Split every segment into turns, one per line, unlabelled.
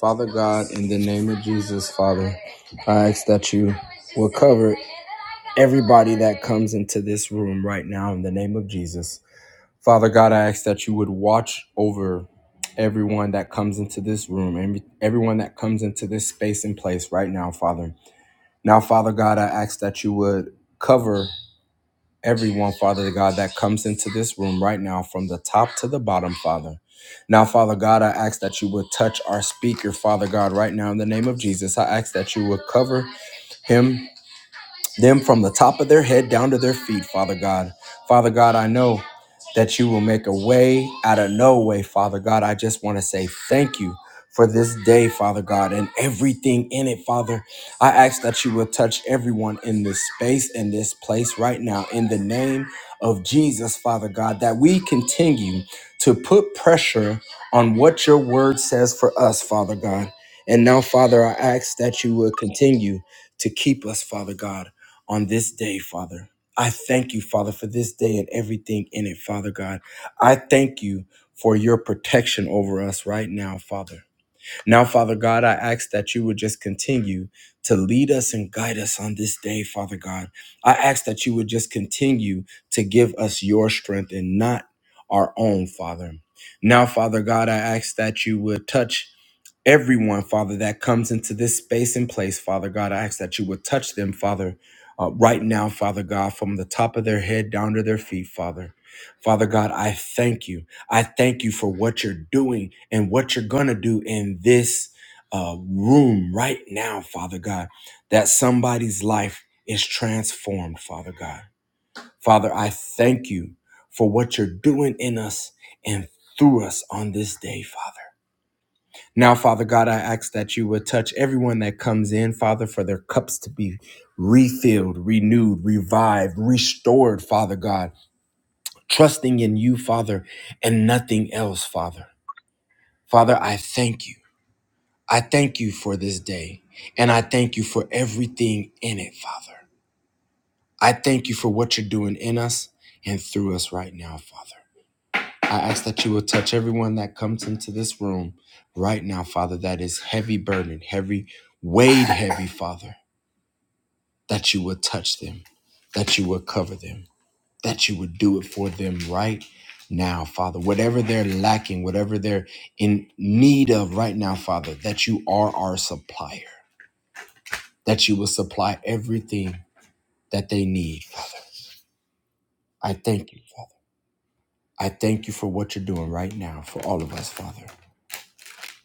Father God, in the name of Jesus, Father, I ask that you will cover everybody that comes into this room right now in the name of Jesus. Father God, I ask that you would watch over everyone that comes into this room and everyone that comes into this space and place right now, Father. Now, Father God, I ask that you would cover everyone, Father God, that comes into this room right now from the top to the bottom, Father. Now, Father God, I ask that you would touch our speaker, Father God, right now in the name of Jesus. I ask that you would cover him them from the top of their head down to their feet, Father God. Father God, I know that you will make a way out of no way, Father God. I just want to say thank you for this day, Father God, and everything in it, Father. I ask that you will touch everyone in this space and this place right now in the name of Jesus, Father God, that we continue to put pressure on what your word says for us, Father God. And now, Father, I ask that you will continue to keep us, Father God on this day, Father. I thank you, Father, for this day and everything in it, Father God. I thank you for your protection over us right now, Father. Now, Father God, I ask that you would just continue to lead us and guide us on this day, Father God. I ask that you would just continue to give us your strength and not our own, Father. Now, Father God, I ask that you would touch everyone, Father, that comes into this space and place, Father God. I ask that you would touch them, Father, uh, right now, Father God, from the top of their head down to their feet, Father. Father God, I thank you. I thank you for what you're doing and what you're going to do in this uh, room right now, Father God, that somebody's life is transformed, Father God. Father, I thank you for what you're doing in us and through us on this day, Father. Now, Father God, I ask that you would touch everyone that comes in, Father, for their cups to be refilled, renewed, revived, restored, Father God, trusting in you, Father, and nothing else, Father. Father, I thank you. I thank you for this day, and I thank you for everything in it, Father. I thank you for what you're doing in us and through us right now, Father. I ask that you will touch everyone that comes into this room right now, Father, that is heavy burden, heavy, weighed heavy, Father, that you will touch them, that you will cover them, that you would do it for them right now, Father. Whatever they're lacking, whatever they're in need of right now, Father, that you are our supplier, that you will supply everything that they need. I thank you, Father. I thank you for what you're doing right now for all of us, Father.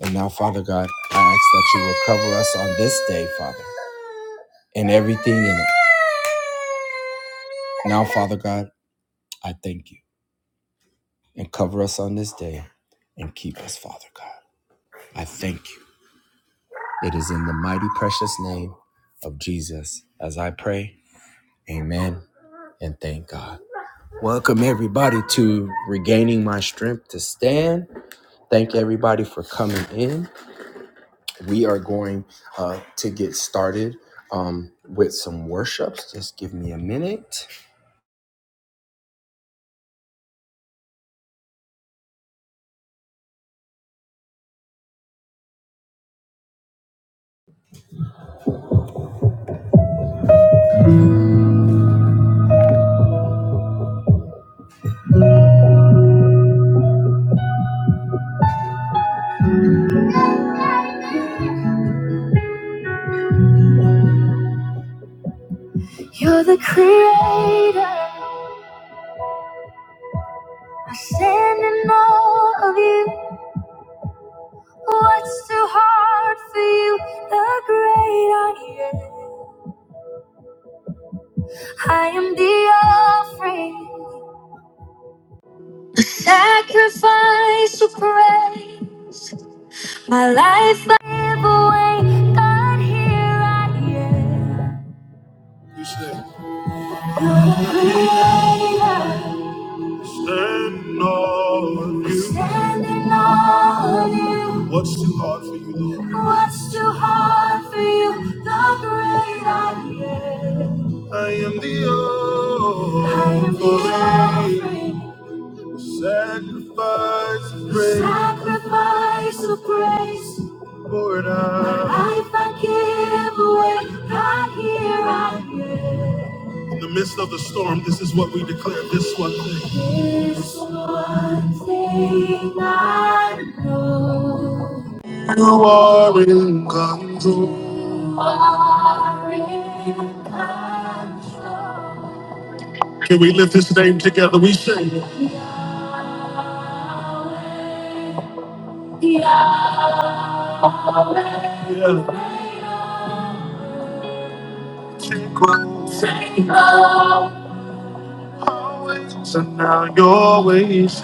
And now, Father God, I ask that you will cover us on this day, Father, and everything in it. Now, Father God, I thank you. And cover us on this day and keep us, Father God. I thank you. It is in the mighty, precious name of Jesus as I pray. Amen and thank God. Welcome, everybody, to Regaining My Strength to Stand. Thank everybody for coming in. We are going uh, to get started um, with some worships. Just give me a minute. You're the creator. I stand in awe of you. What's too hard for you? The great I am. I am the offering, the sacrifice of praise. My life I give away. God, here I am. You should. are the creator. Stand on you. Standing on you. What's too hard for you, Lord? What's too hard for you? The great I am. I am the offering. I am the offering. Sacrifice of praise. Sacrifice of praise. Lord, I. my Life I give away. I here I give. In the midst of the storm, this is what we declare. This one thing. This one thing I know. You are in control. You Are in control. Can we lift this name together? We sing. Yeah. Take what's always and now your ways.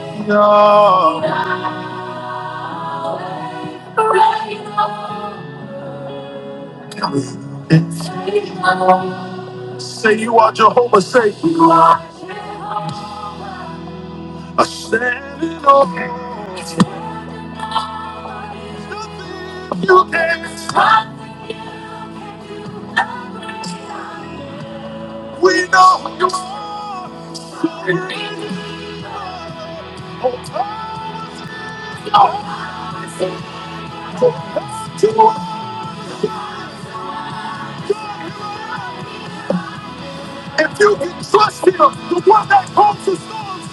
Yeah. Say you are Jehovah, say you are I stand standing on. Nothing you can stop. We know who you are. If you can trust him, the one that comes to storms,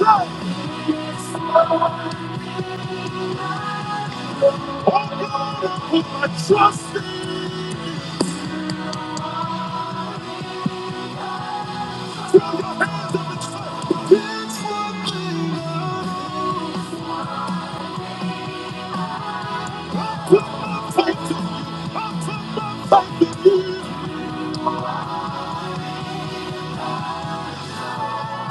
oh God, I put my trust in you. Take to something new. Whatever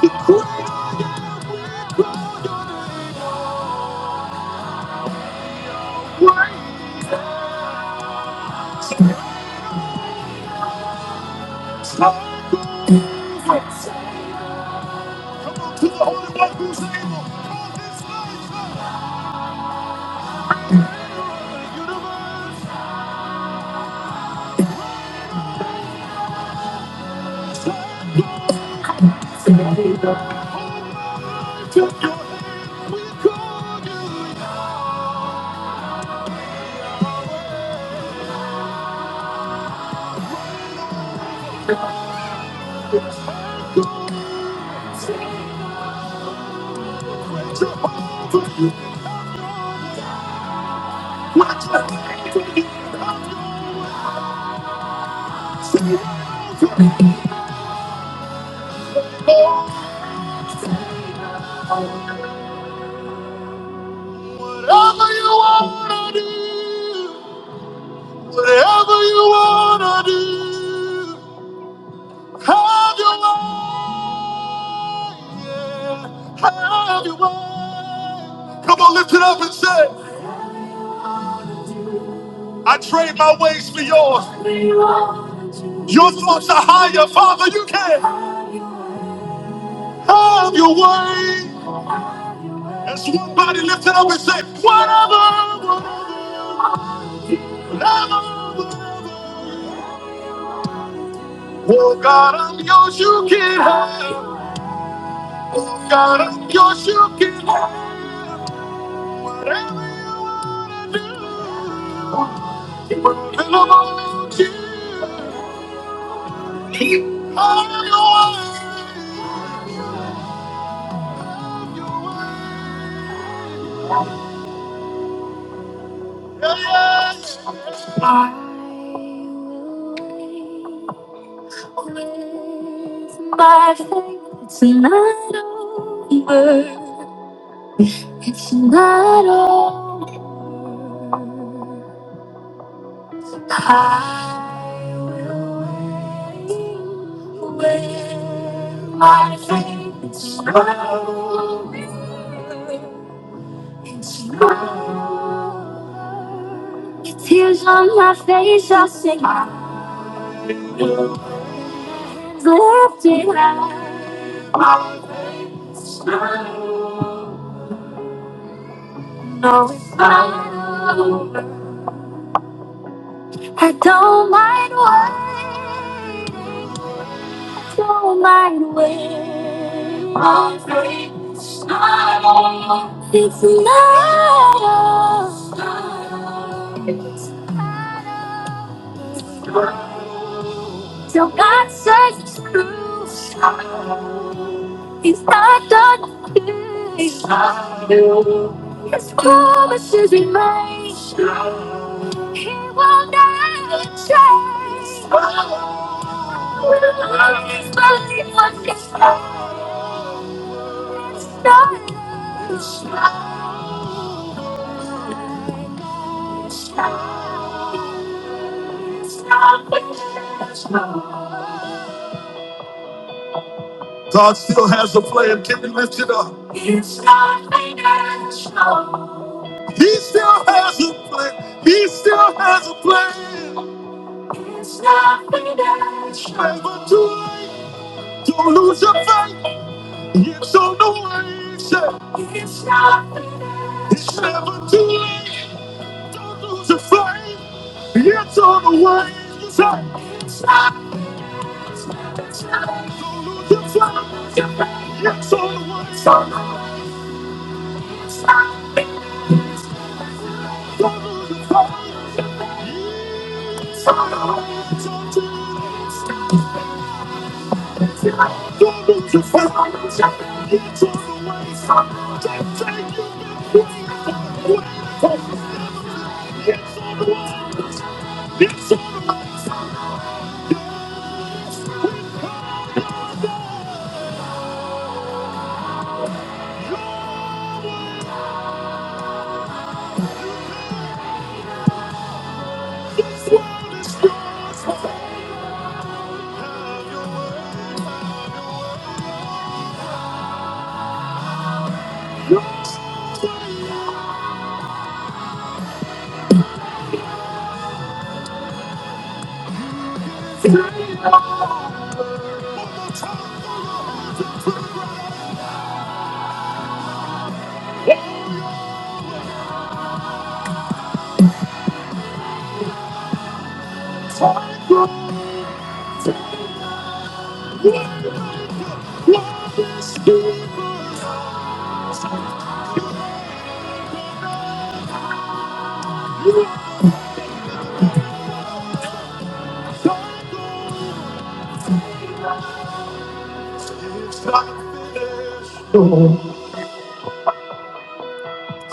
you wanna do, whatever you wanna do, have your way, yeah, have your way. Come on, lift it up and say, I trade my ways for yours. Your thoughts are higher, Father, you can. Have your way. And somebody lift it up and say, whatever, whatever, whatever. Oh God, I'm yours, you can have. Oh God, I'm yours, you can have. Whatever you do, will about you. Have your way. Your way. Yeah, yeah. I will wait. With my faith, it's not over. It's not over. I will wait with my faith. It's not over. It's not over. Tears on my face, I sing. I will. Lift it high. No, it's not over. I don't mind waiting. Don't mind waiting. My faith's not over. It's not over. So God says it's true. It's not done here. His promises remain. He will never change. Always believe what he said. It's not done. It's not done. It's not done. God still has a plan. Can you lift it up? It's not financial. He still has a plan. He still has a plan. It's not financial. Never too late. Don't lose your faith. It's on the way. It's not financial. It's never too late. Don't lose your faith. It's on the way. Say, do Don't lose your the one.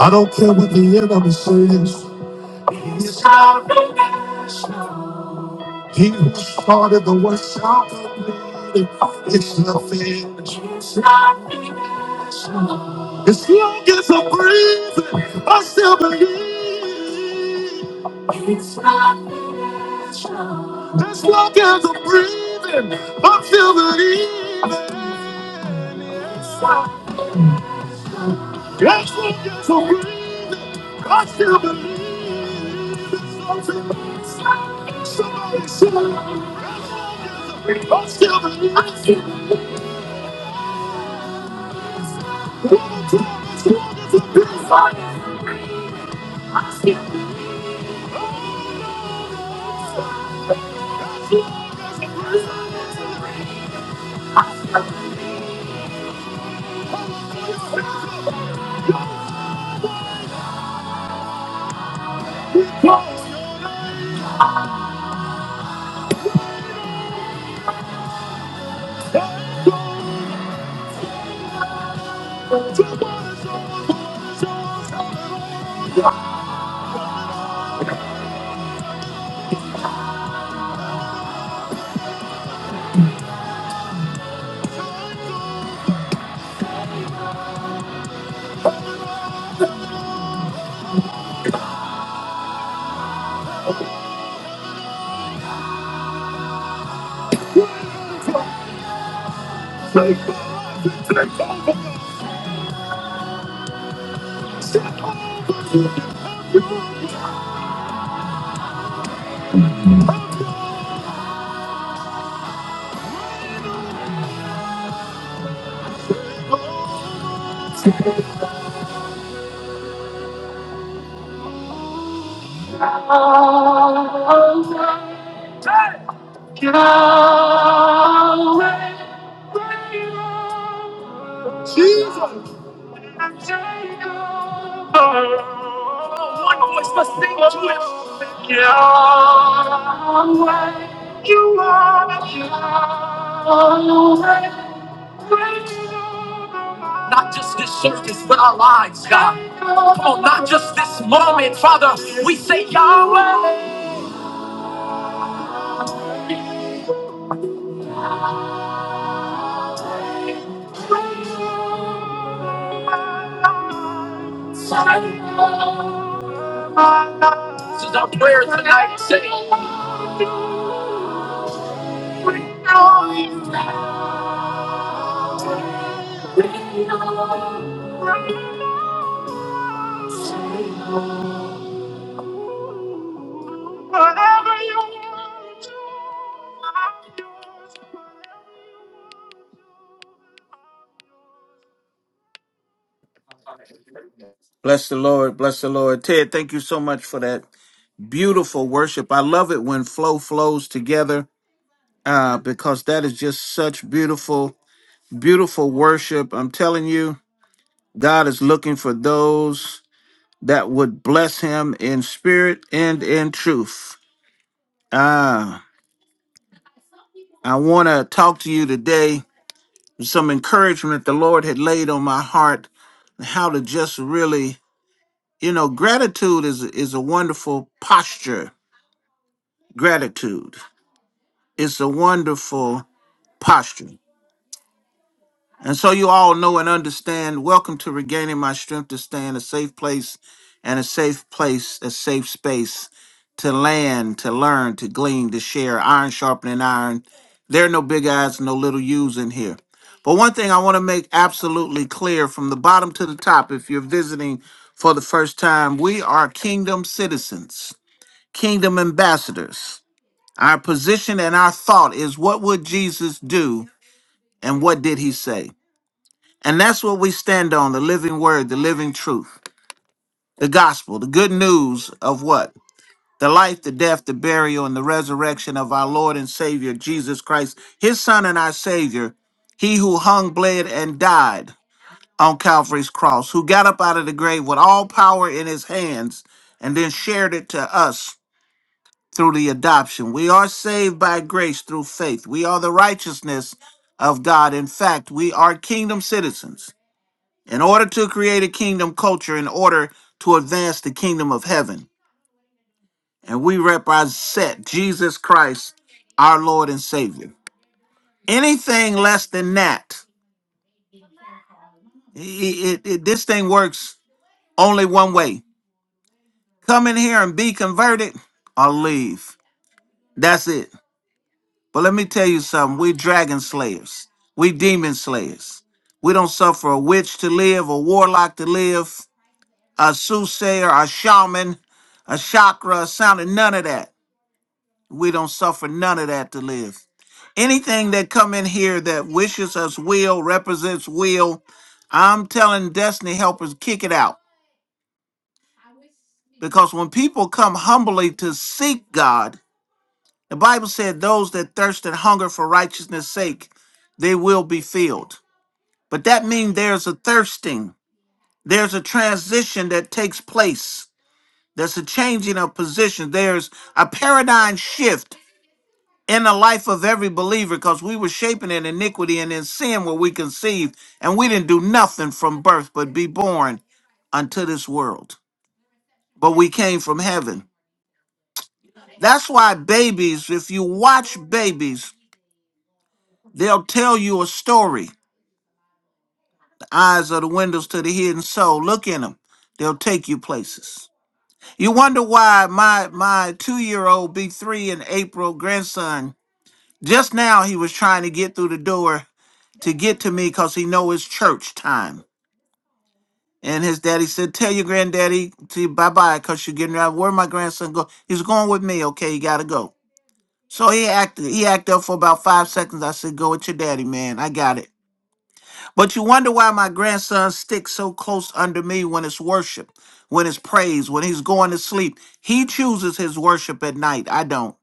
I don't care what the enemy says. It's not He who started the work shall complete it. It's nothing. As long as I'm breathing, I still believe. As long as I'm breathing, I'm still believing. As long as I'm breathing, I still believe. It's nothing. Somebody say, as long as I'm breathing, I still believe. I'm still the same. You are the same. Always. Always. Always. Always. We say Yahweh. This is our prayer tonight. Say, we know you. We know you. Whatever you want, I'm yours.
Bless the Lord. Bless the Lord. Ted, thank you so much for that beautiful worship. I love it when flow flows together uh, because that is just such beautiful, beautiful worship. I'm telling you, God is looking for those that would bless him in spirit and in truth. Ah, I want to talk to you today some encouragement the Lord had laid on my heart how to just really, you know, gratitude is is a wonderful posture. Gratitude. It's a wonderful posture. And so you all know and understand. Welcome to regaining my strength to stay in a safe place and a safe place, a safe space to land, to learn, to glean, to share, iron sharpening iron. There are no big eyes, no little U's in here. But one thing I want to make absolutely clear from the bottom to the top, if you're visiting for the first time, we are kingdom citizens, kingdom ambassadors. Our position and our thought is what would Jesus do and what did he say? And that's what we stand on the living word, the living truth, the gospel, the good news of what? The life, the death, the burial, and the resurrection of our Lord and Savior, Jesus Christ, his Son and our Savior, he who hung, bled, and died on Calvary's cross, who got up out of the grave with all power in his hands and then shared it to us through the adoption. We are saved by grace through faith. We are the righteousness of God. In fact, we are kingdom citizens in order to create a kingdom culture, in order to advance the kingdom of heaven. And we represent Jesus Christ, our Lord and Savior. Anything less than that, i- i- it- it- this thing works only one way come in here and be converted or leave. That's it. But let me tell you something. We dragon slayers. We demon slayers. We don't suffer a witch to live, a warlock to live, a soothsayer, a shaman, a chakra, a sounding, none of that. We don't suffer none of that to live. Anything that come in here that wishes us will, represents will, I'm telling destiny helpers, kick it out. Because when people come humbly to seek God, the Bible said those that thirst and hunger for righteousness' sake, they will be filled. But that means there's a thirsting, there's a transition that takes place, there's a changing of position, there's a paradigm shift in the life of every believer because we were shaping in iniquity and in sin were we conceived, and we didn't do nothing from birth but be born unto this world. But we came from heaven. That's why babies, if you watch babies, they'll tell you a story. The eyes are the windows to the hidden soul. Look in them, they'll take you places. You wonder why my my two year old be three in April grandson just now he was trying to get through the door to get to me because he know it's church time. And his daddy said, "Tell your granddaddy to bye bye because you're getting out. Where my grandson go? He's going with me. Okay, he gotta go." So he acted. He acted up for about five seconds. I said, "Go with your daddy, man. I got it." But you wonder why my grandson sticks so close under me when it's worship, when it's praise, when he's going to sleep. He chooses his worship at night. I don't.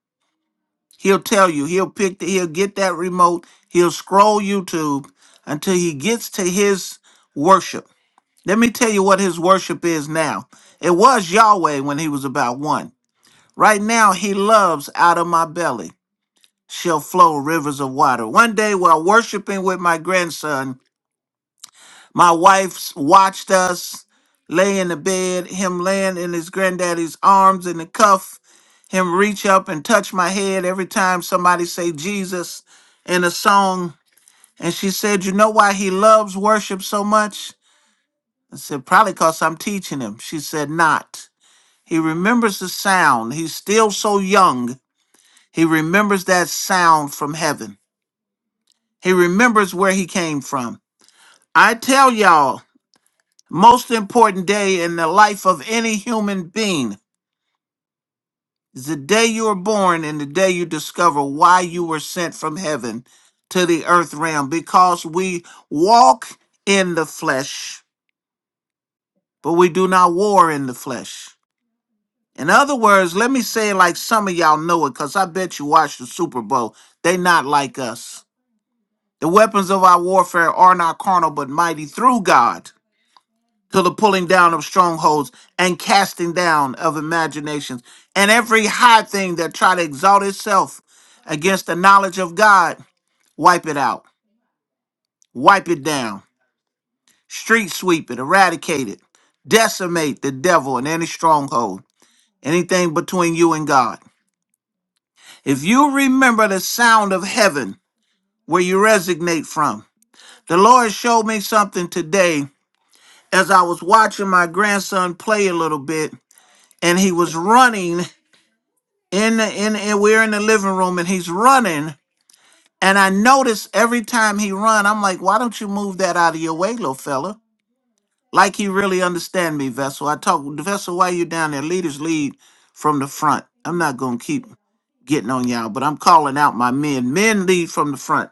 He'll tell you. He'll pick. The, he'll get that remote. He'll scroll YouTube until he gets to his worship. Let me tell you what his worship is now. It was Yahweh when he was about one. Right now, he loves out of my belly shall flow rivers of water. One day, while worshiping with my grandson, My wife's watched us lay in the bed, him laying in his granddaddy's arms in the cuff, him reach up and touch my head every time somebody say Jesus in a song. And she said, You know why he loves worship so much? I said, Probably because I'm teaching him. She said, Not. He remembers the sound. He's still so young. He remembers that sound from heaven. He remembers where he came from. I tell y'all, Most important day in the life of any human being is the day you are born and the day you discover why you were sent from heaven to the earth realm because we walk in the flesh, but we do not war in the flesh. In other words, let me say it like some of y'all know it because I bet you watch the Super Bowl. They not like us. The weapons of our warfare are not carnal but mighty through God to the pulling down of strongholds and casting down of imaginations and every high thing that try to exalt itself against the knowledge of God, wipe it out, wipe it down, street sweep it, eradicate it, decimate the devil and any stronghold, anything between you and God. If you remember the sound of heaven where you resonate from, the Lord showed me something today as I was watching my grandson play a little bit and he was running in the in and we're in the living room and he's running and i notice every time he run i'm like why don't you move that out of your way little fella like he really understand me vessel i talk vessel why you down there leaders lead from the front i'm not gonna keep getting on y'all but i'm calling out my men men lead from the front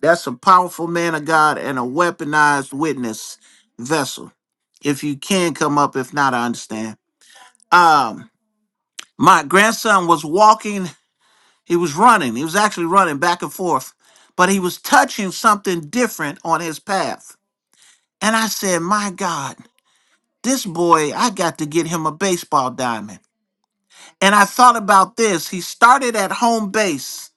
that's a powerful man of god and a weaponized witness vessel if you can come up if not i understand um my grandson was walking He was running. He was actually running back and forth, but he was touching something different on his path. And I said, My God, this boy, I got to get him a baseball diamond. And I thought about this. He started at home base.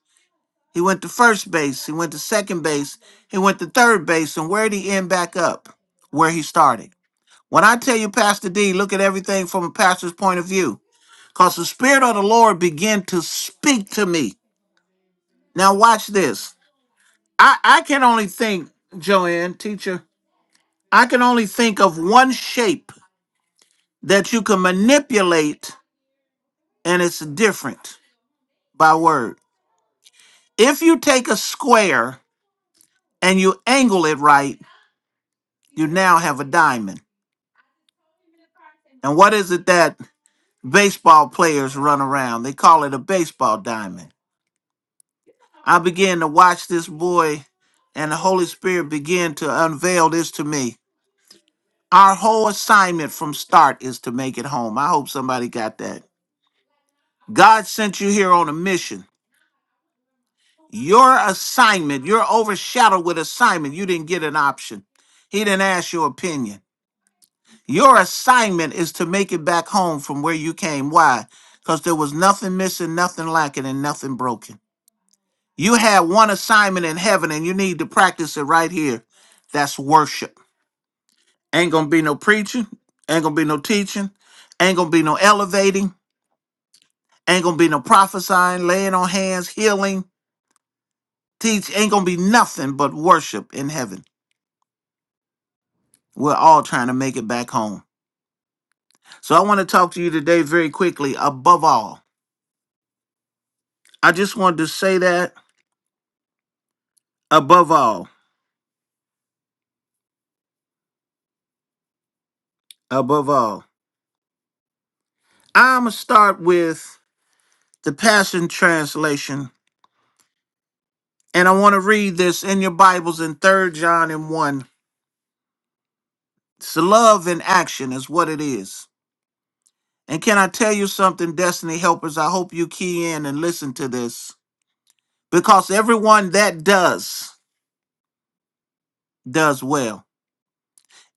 He went to first base. He went to second base. He went to third base. And where did he end back up? Where he started. When I tell you, Pastor D, look at everything from a pastor's point of view, because the Spirit of the Lord began to speak to me. Now, watch this. I I can only think, Joanne, teacher. I can only think of one shape that you can manipulate, and it's different by word. If you take a square and you angle it right, you now have a diamond. And what is it that baseball players run around? They call it a baseball diamond. I began to watch this boy, and the Holy Spirit began to unveil this to me. Our whole assignment from start is to make it home. I hope somebody got that God sent you here on a mission. Your assignment, you're overshadowed with assignment. You didn't get an option. He didn't ask your opinion. Your assignment is to make it back home from where you came. Why? Because there was nothing missing, nothing lacking, and nothing broken. You had one assignment in heaven and you need to practice it right here. That's worship. Ain't gonna be no preaching, ain't gonna be no teaching, ain't gonna be no elevating, ain't gonna be no prophesying, laying on hands, healing. teach ain't gonna be nothing but worship in heaven. We're all trying to make it back home. So I want to talk to you today very quickly. Above all, I just wanted to say that above all, above all, I'm gonna start with the Passion Translation, and I want to read this in your Bibles in Third John and one. It's love in action is what it is. And can I tell you something, Destiny Helpers? I hope you key in and listen to this because everyone that does does well.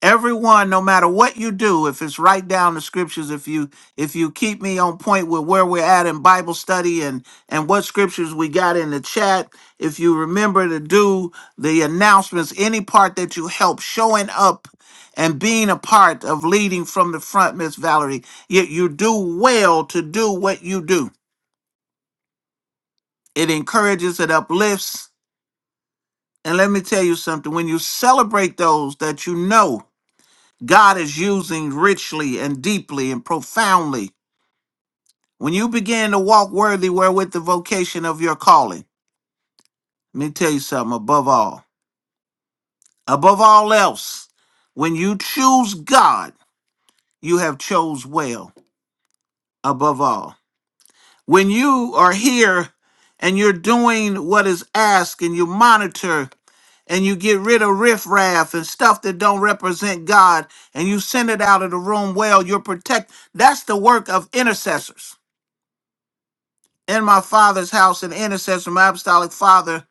everyone no matter what you do if it's right down the scriptures if you if you keep me on point with where we're at in bible study and and what scriptures we got in the chat if you remember to do the announcements any part that you help showing up and being a part of leading from the front miss valerie you, you do well to do what you do it encourages it uplifts and let me tell you something when you celebrate those that you know God is using richly and deeply and profoundly. When you begin to walk worthy wherewith the vocation of your calling, let me tell you something above all. Above all else, when you choose God, you have chose well above all. When you are here and you're doing what is asked and you monitor and you get rid of riffraff and stuff that don't represent God and you send it out of the room well, you're protect. That's the work of intercessors. in my father's house an intercessor, my apostolic father.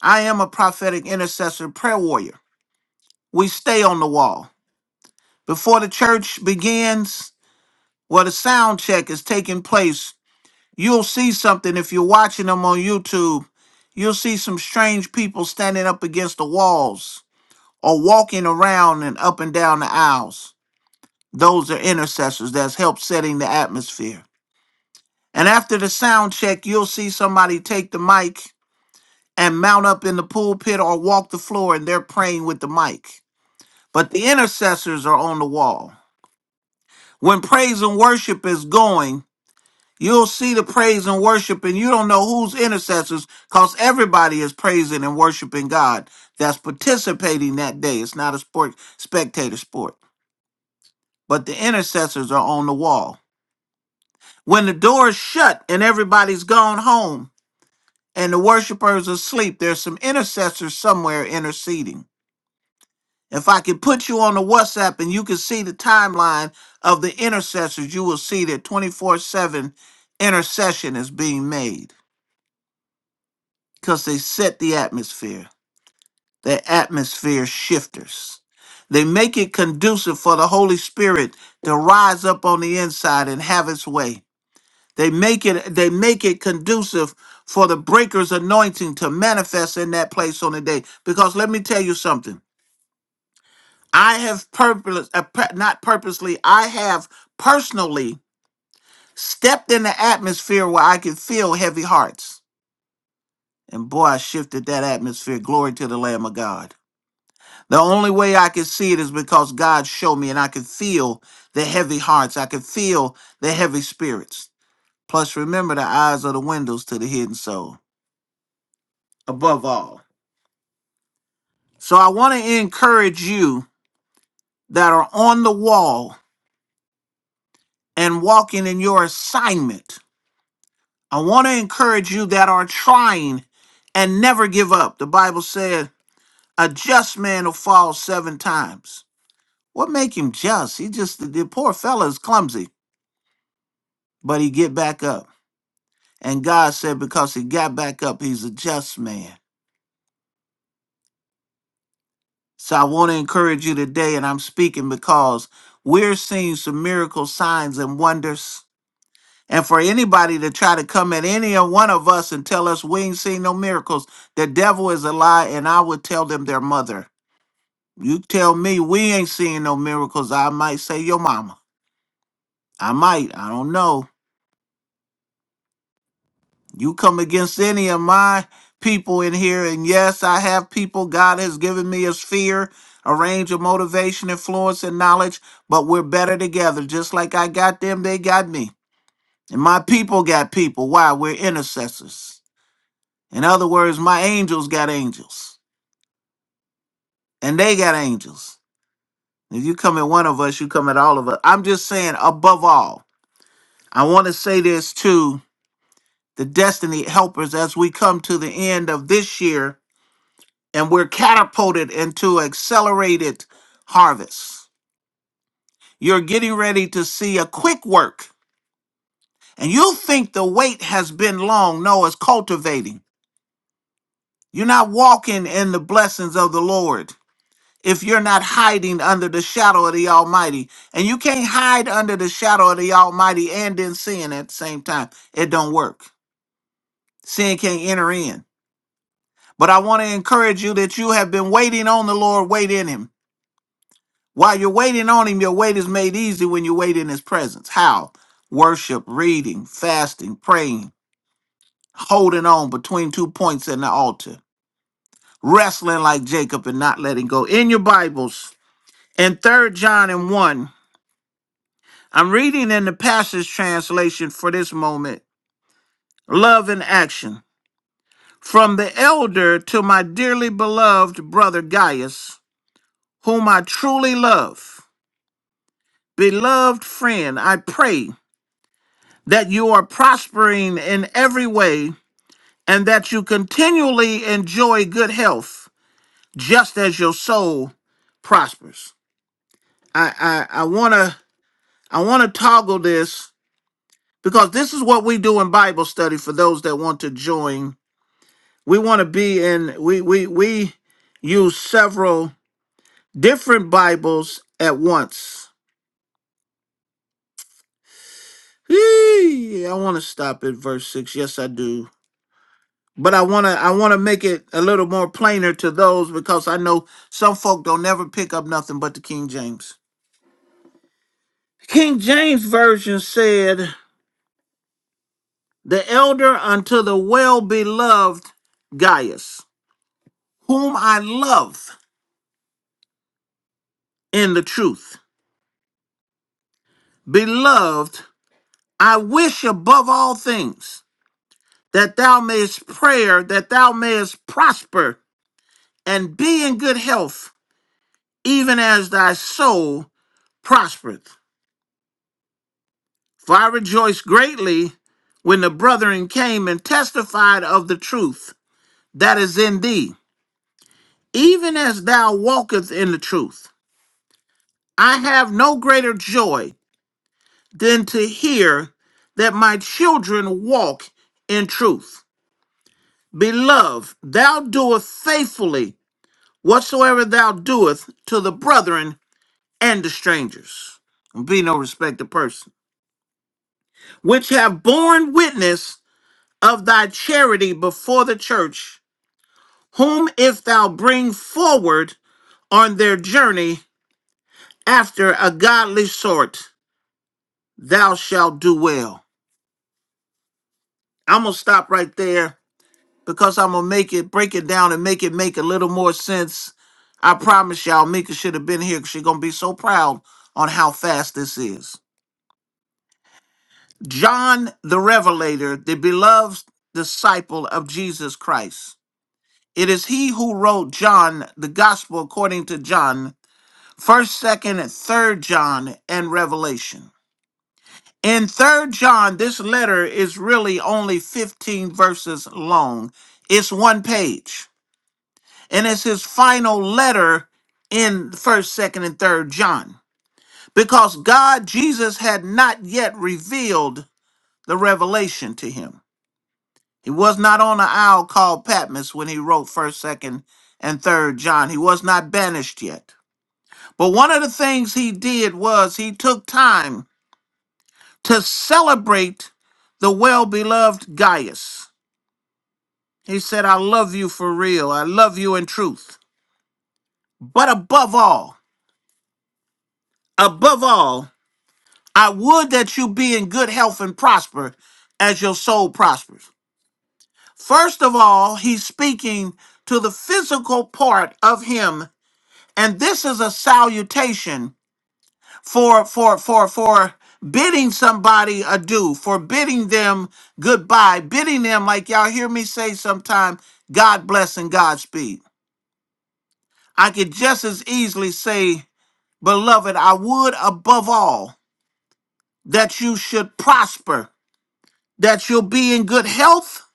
I am a prophetic intercessor, prayer warrior. We stay on the wall. Before the church begins, where the sound check is taking place, you'll see something if you're watching them on YouTube. You'll see some strange people standing up against the walls or walking around and up and down the aisles. Those are intercessors that's helped setting the atmosphere. And after the sound check, you'll see somebody take the mic and mount up in the pulpit or walk the floor and they're praying with the mic. But the intercessors are on the wall. When praise and worship is going, you'll see the praise and worship and you don't know who's intercessors because everybody is praising and worshiping God that's participating that day. It's not a sport, spectator sport, but the intercessors are on the wall. When the door is shut and everybody's gone home and the worshipers are asleep, there's some intercessors somewhere interceding If I could put you on the WhatsApp and you can see the timeline of the intercessors, you will see that 24 7 intercession is being made because they set the atmosphere. They're atmosphere shifters. They make it conducive for the Holy Spirit to rise up on the inside and have its way. They make it they make it conducive for the breaker's anointing to manifest in that place on the day. Because let me tell you something. I have purpose, uh, pur- not purposely, I have personally stepped in the atmosphere where I could feel heavy hearts. And boy, I shifted that atmosphere. Glory to the Lamb of God. The only way I could see it is because God showed me and I could feel the heavy hearts. I could feel the heavy spirits. Plus, remember, the eyes are the windows to the hidden soul, above all. So, I want to encourage you that are on the wall and walking in your assignment I want to encourage you that are trying and never give up. The Bible said, a just man will fall seven times. What make him just? He just, the poor fella is clumsy, but he get back up. And God said, because he got back up, he's a just man. So I want to encourage you today, and I'm speaking because we're seeing some miracle signs and wonders. And for anybody to try to come at any one of us and tell us we ain't seen no miracles, the devil is a lie, and I would tell them their mother. You tell me we ain't seeing no miracles. I might say your mama. I might. I don't know. You come against any of my people in here, and yes, I have people God has given me a sphere, a range of motivation, influence, and knowledge, but we're better together. Just like I got them, they got me. And my people got people. Why? We're intercessors. In other words, my angels got angels, and they got angels. If you come at one of us, you come at all of us. I'm just saying, above all. I want to say this to the Destiny Helpers as we come to the end of this year and we're catapulted into accelerated harvest. You're getting ready to see a quick work, and you think the wait has been long. No, it's cultivating. You're not walking in the blessings of the Lord if you're not hiding under the shadow of the Almighty. And you can't hide under the shadow of the Almighty and then sin at the same time. It don't work. Sin can't enter in. But I want to encourage you that you have been waiting on the Lord, wait in Him. While you're waiting on Him, your wait is made easy when you wait in His presence. How? Worship, reading, fasting, praying, holding on between two points in the altar, wrestling like Jacob and not letting go. In your Bibles, in Third John and 1, I'm reading in the passage translation for this moment love in action. From the elder to my dearly beloved brother Gaius, whom I truly love. Beloved friend, I pray that you are prospering in every way and that you continually enjoy good health just as your soul prospers. I I, I wanna I wanna toggle this because this is what we do in Bible study for those that want to join. We want to be in we we we use several different Bibles at once. Eee, I want to stop at verse 6. Yes, I do. but I wanna I wanna make it a little more plainer to those because I know some folk don't never pick up nothing but the King James. King James version said, "The elder unto the well beloved Gaius, whom I love in the truth, beloved, I wish above all things that thou mayest prayer that thou mayest prosper and be in good health, even as thy soul prospereth." For I rejoiced greatly when the brethren came and testified of the truth that is in thee, even as thou walkest in the truth. I have no greater joy than to hear that my children walk in truth. Beloved, thou doest faithfully whatsoever thou doest to the brethren and the strangers. Be no respecter person, which have borne witness of thy charity before the church whom if thou bring forward on their journey after a godly sort, thou shalt do well. I'm gonna stop right there because I'm gonna make it break it down and make it make a little more sense. I promise y'all, Mika should have been here because she's gonna be so proud on how fast this is. John the Revelator, the beloved disciple of Jesus Christ. It is he who wrote John, the gospel according to John, first second and third john and revelation in third john this letter is really only 15 verses long it's one page and it's his final letter in first second and third john because god jesus had not yet revealed the revelation to him he was not on the isle called patmos when he wrote first second and third john he was not banished yet but one of the things he did was he took time to celebrate the well beloved Gaius. He said, I love you for real. I love you in truth. But above all, above all, I would that you be in good health and prosper as your soul prospers. First of all, he's speaking to the physical part of him, and this is a salutation for for for for bidding somebody adieu, for bidding them goodbye, bidding them like y'all hear me say sometime, God bless and Godspeed. I could just as easily say, beloved, I would above all that you should prosper, that you'll be in good health,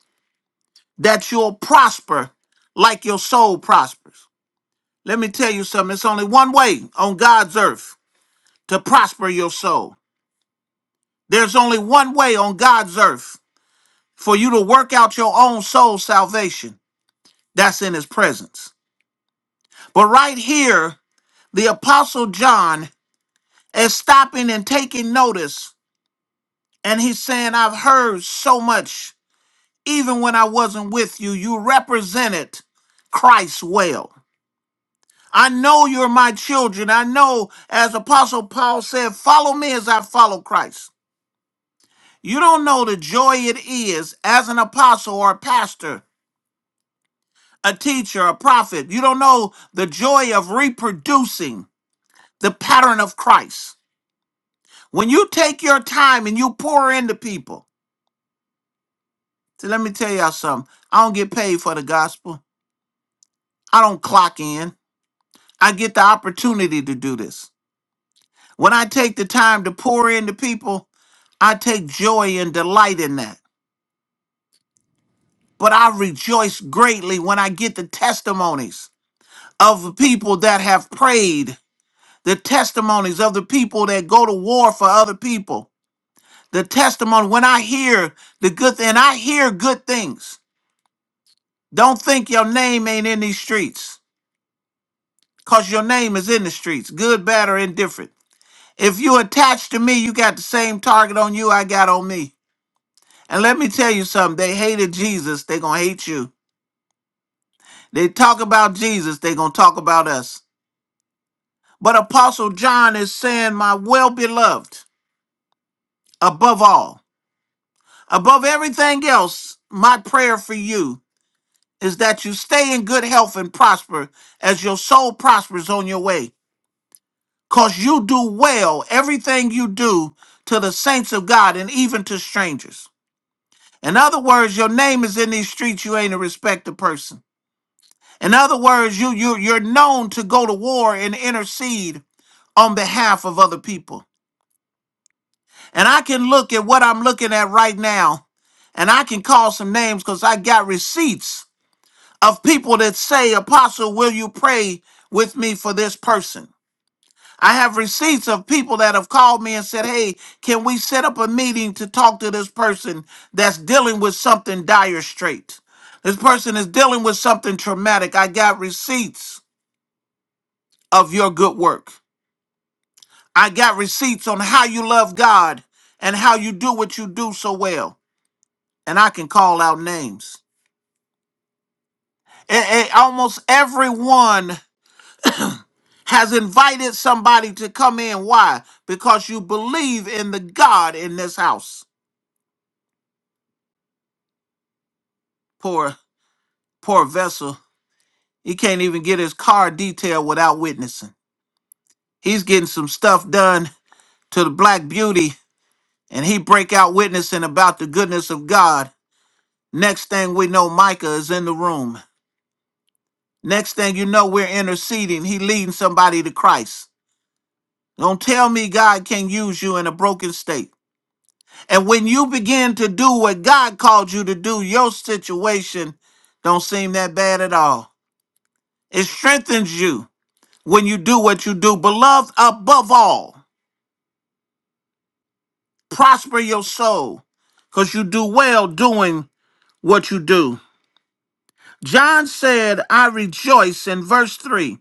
that you'll prosper like your soul prospers. Let me tell you something, it's only one way on God's earth to prosper your soul. There's only one way on God's earth for you to work out your own soul salvation that's in his presence. But right here, the apostle John is stopping and taking notice, and he's saying, I've heard so much, even when I wasn't with you, you represented Christ well. I know you're my children. I know, as Apostle Paul said, follow me as I follow Christ. You don't know the joy it is as an apostle or a pastor a teacher, a prophet. You don't know the joy of reproducing the pattern of Christ. When you take your time and you pour into people, so let me tell y'all something. I don't get paid for the gospel. I don't clock in. I get the opportunity to do this. When I take the time to pour into people, I take joy and delight in that. But I rejoice greatly when I get the testimonies of people that have prayed the testimonies of the people that go to war for other people. The testimony when I hear the good thing, and I hear good things. Don't think your name ain't in these streets, cause your name is in the streets, good, bad, or indifferent. If you attached to me, you got the same target on you I got on me. And let me tell you something: they hated Jesus, they gonna hate you. They talk about Jesus, they gonna talk about us. But Apostle John is saying, "My well beloved, above all." Above everything else, my prayer for you is that you stay in good health and prosper as your soul prospers on your way. Because you do well everything you do to the saints of God and even to strangers. In other words, your name is in these streets, you ain't a respected person. In other words, you, you, you're known to go to war and intercede on behalf of other people. And I can look at what I'm looking at right now, and I can call some names because I got receipts of people that say, Apostle, will you pray with me for this person? I have receipts of people that have called me and said, Hey, can we set up a meeting to talk to this person that's dealing with something dire straight? This person is dealing with something traumatic. I got receipts of your good work. I got receipts on how you love God and how you do what you do so well. And I can call out names. and almost everyone has invited somebody to come in. Why? Because you believe in the God in this house. Poor, poor vessel. He can't even get his car detailed without witnessing. He's getting some stuff done to the black beauty, and he break out witnessing about the goodness of God. Next thing we know, Micah is in the room. Next thing you know, we're interceding. He leading somebody to Christ. Don't tell me God can use you in a broken state. And when you begin to do what God called you to do, your situation don't seem that bad at all. It strengthens you when you do what you do. Beloved, above all, prosper your soul because you do well doing what you do. John said, I rejoice in verse 3.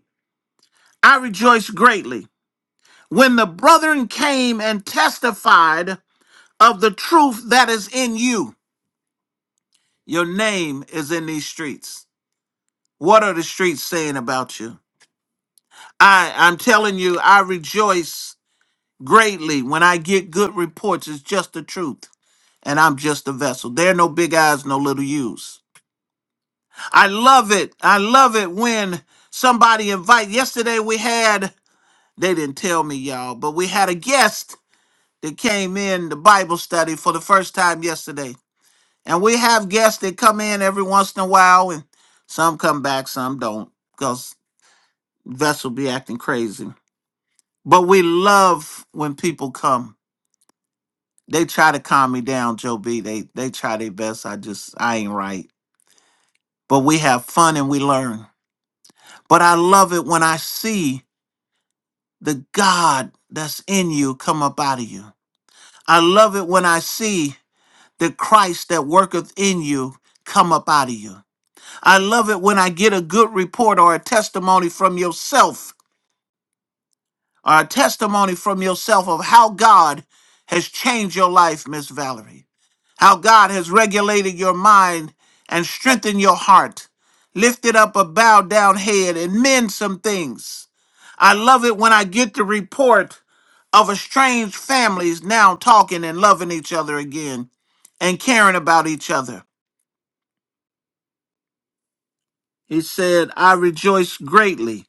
I rejoice greatly when the brethren came and testified of the truth that is in you. Your name is in these streets. What are the streets saying about you? I, I'm telling you, I rejoice greatly when I get good reports. It's just the truth. And I'm just a vessel. There are no big eyes, no little U's. I love it. I love it when somebody invite. Yesterday we had, they didn't tell me, y'all, but we had a guest that came in the Bible study for the first time yesterday. And we have guests that come in every once in a while and some come back, some don't, because vessel be acting crazy. But we love when people come. They try to calm me down, Joe B. They they try their best. I just I ain't right. But we have fun and we learn. But I love it when I see the God that's in you come up out of you. I love it when I see the Christ that worketh in you come up out of you. I love it when I get a good report or a testimony from yourself or a testimony from yourself of how God has changed your life, Miss Valerie, how God has regulated your mind and strengthened your heart, lifted up a bowed down head, and mend some things. I love it when I get the report of estranged families now talking and loving each other again and caring about each other. He said, I rejoice greatly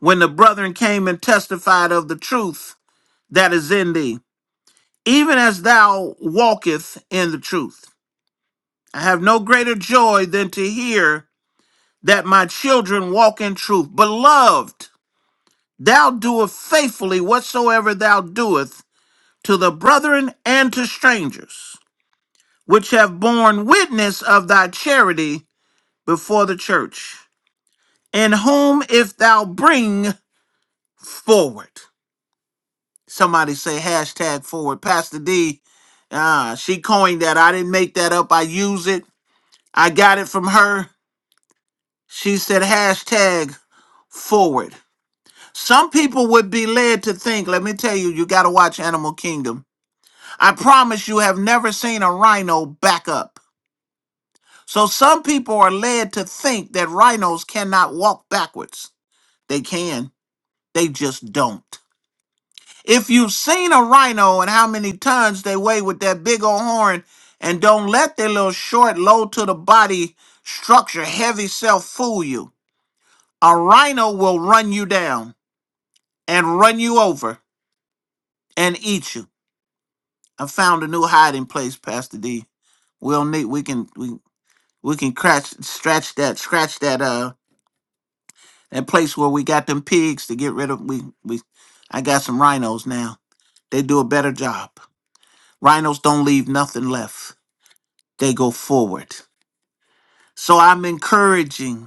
when the brethren came and testified of the truth that is in thee. even as thou walkest in the truth. I have no greater joy than to hear that my children walk in truth. Beloved, thou doest faithfully whatsoever thou doest to the brethren and to strangers, which have borne witness of thy charity before the church, in whom if thou bring forward. Somebody say hashtag forward. Pastor D, ah, she coined that. I didn't make that up. I use it I got it from her. She said hashtag forward. Some people would be led to think, let me tell you, you got to watch Animal Kingdom. I promise you have never seen a rhino back up. So some people are led to think that rhinos cannot walk backwards. They can, they just don't. If you've seen a rhino and how many tons they weigh with that big old horn, and don't let their little short, low to the body structure, heavy self fool you. A rhino will run you down and run you over and eat you. I found a new hiding place, Pastor D. We'll need we can we we can crash scratch that scratch that uh that place where we got them pigs to get rid of we we I got some rhinos now. They do a better job. Rhinos don't leave nothing left. They go forward. So I'm encouraging.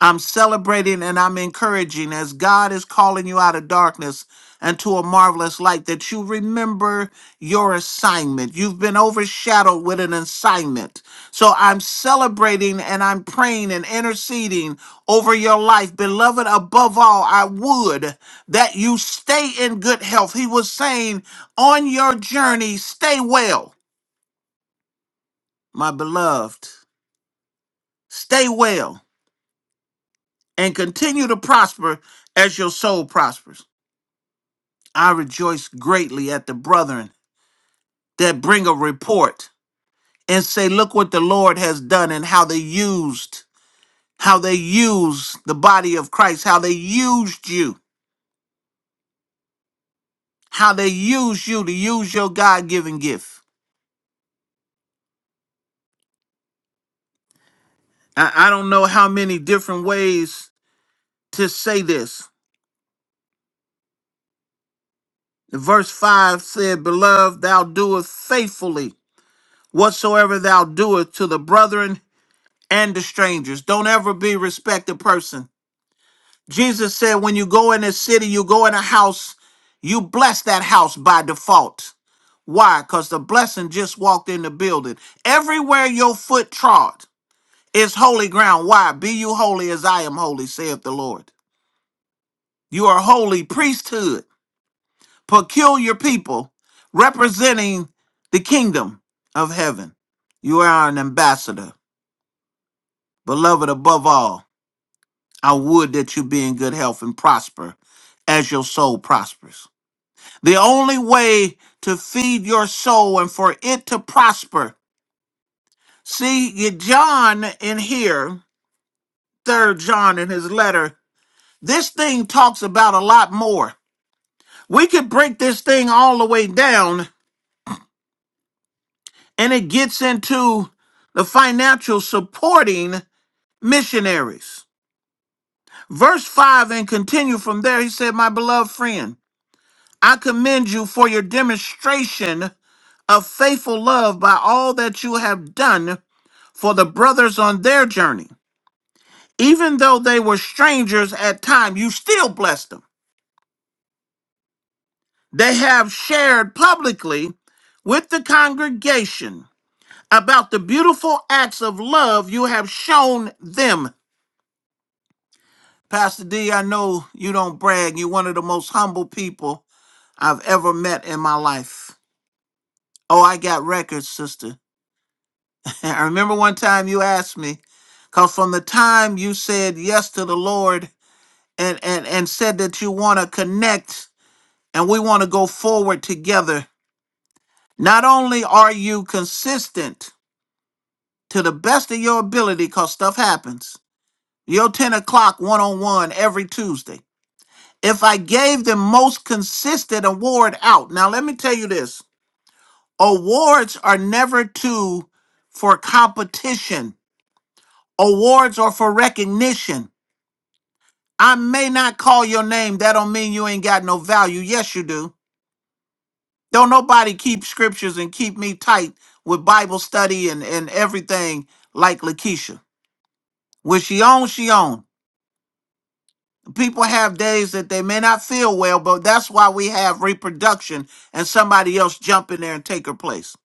I'm celebrating and I'm encouraging as God is calling you out of darkness and to a marvelous light that you remember your assignment. You've been overshadowed with an assignment. So I'm celebrating and I'm praying and interceding over your life. Beloved, above all, I would that you stay in good health. He was saying on your journey, stay well, my beloved. Stay well and continue to prosper as your soul prospers. I rejoice greatly at the brethren that bring a report and say, look what the Lord has done and how they used, how they used the body of Christ, how they used you, how they used you to use your God given gift. I, I don't know how many different ways to say this. Verse 5 said, Beloved, thou doest faithfully whatsoever thou doest to the brethren and the strangers. Don't ever be respect a person. Jesus said, when you go in a city, you go in a house, you bless that house by default. Why? Because the blessing just walked in the building. Everywhere your foot trod is holy ground. Why? Be you holy as I am holy, saith the Lord. You are holy priesthood, peculiar people representing the kingdom of heaven. You are an ambassador. Beloved, above all, I would that you be in good health and prosper as your soul prospers. The only way to feed your soul and for it to prosper. See, you- John in here, third John in his letter, this thing talks about a lot more. We could break this thing all the way down and it gets into the financial supporting missionaries. Verse 5 and continue from there, he said, My beloved friend, I commend you for your demonstration of faithful love by all that you have done for the brothers on their journey. Even though they were strangers at time, you still blessed them. They have shared publicly with the congregation about the beautiful acts of love you have shown them. Pastor D, I know you don't brag. You're one of the most humble people I've ever met in my life. Oh, I got records, sister. I remember one time you asked me, because from the time you said yes to the Lord and and and said that you want to connect and we want to go forward together not only are you consistent to the best of your ability because stuff happens your 10 o'clock one-on-one every tuesday if i gave the most consistent award out now let me tell you this awards are never to for competition awards are for recognition i may not call your name that don't mean you ain't got no value yes you do Don't nobody keep scriptures and keep me tight with Bible study and, and everything like Lakeisha. When she on, she on. People have days that they may not feel well, but that's why we have reproduction and somebody else jump in there and take her place.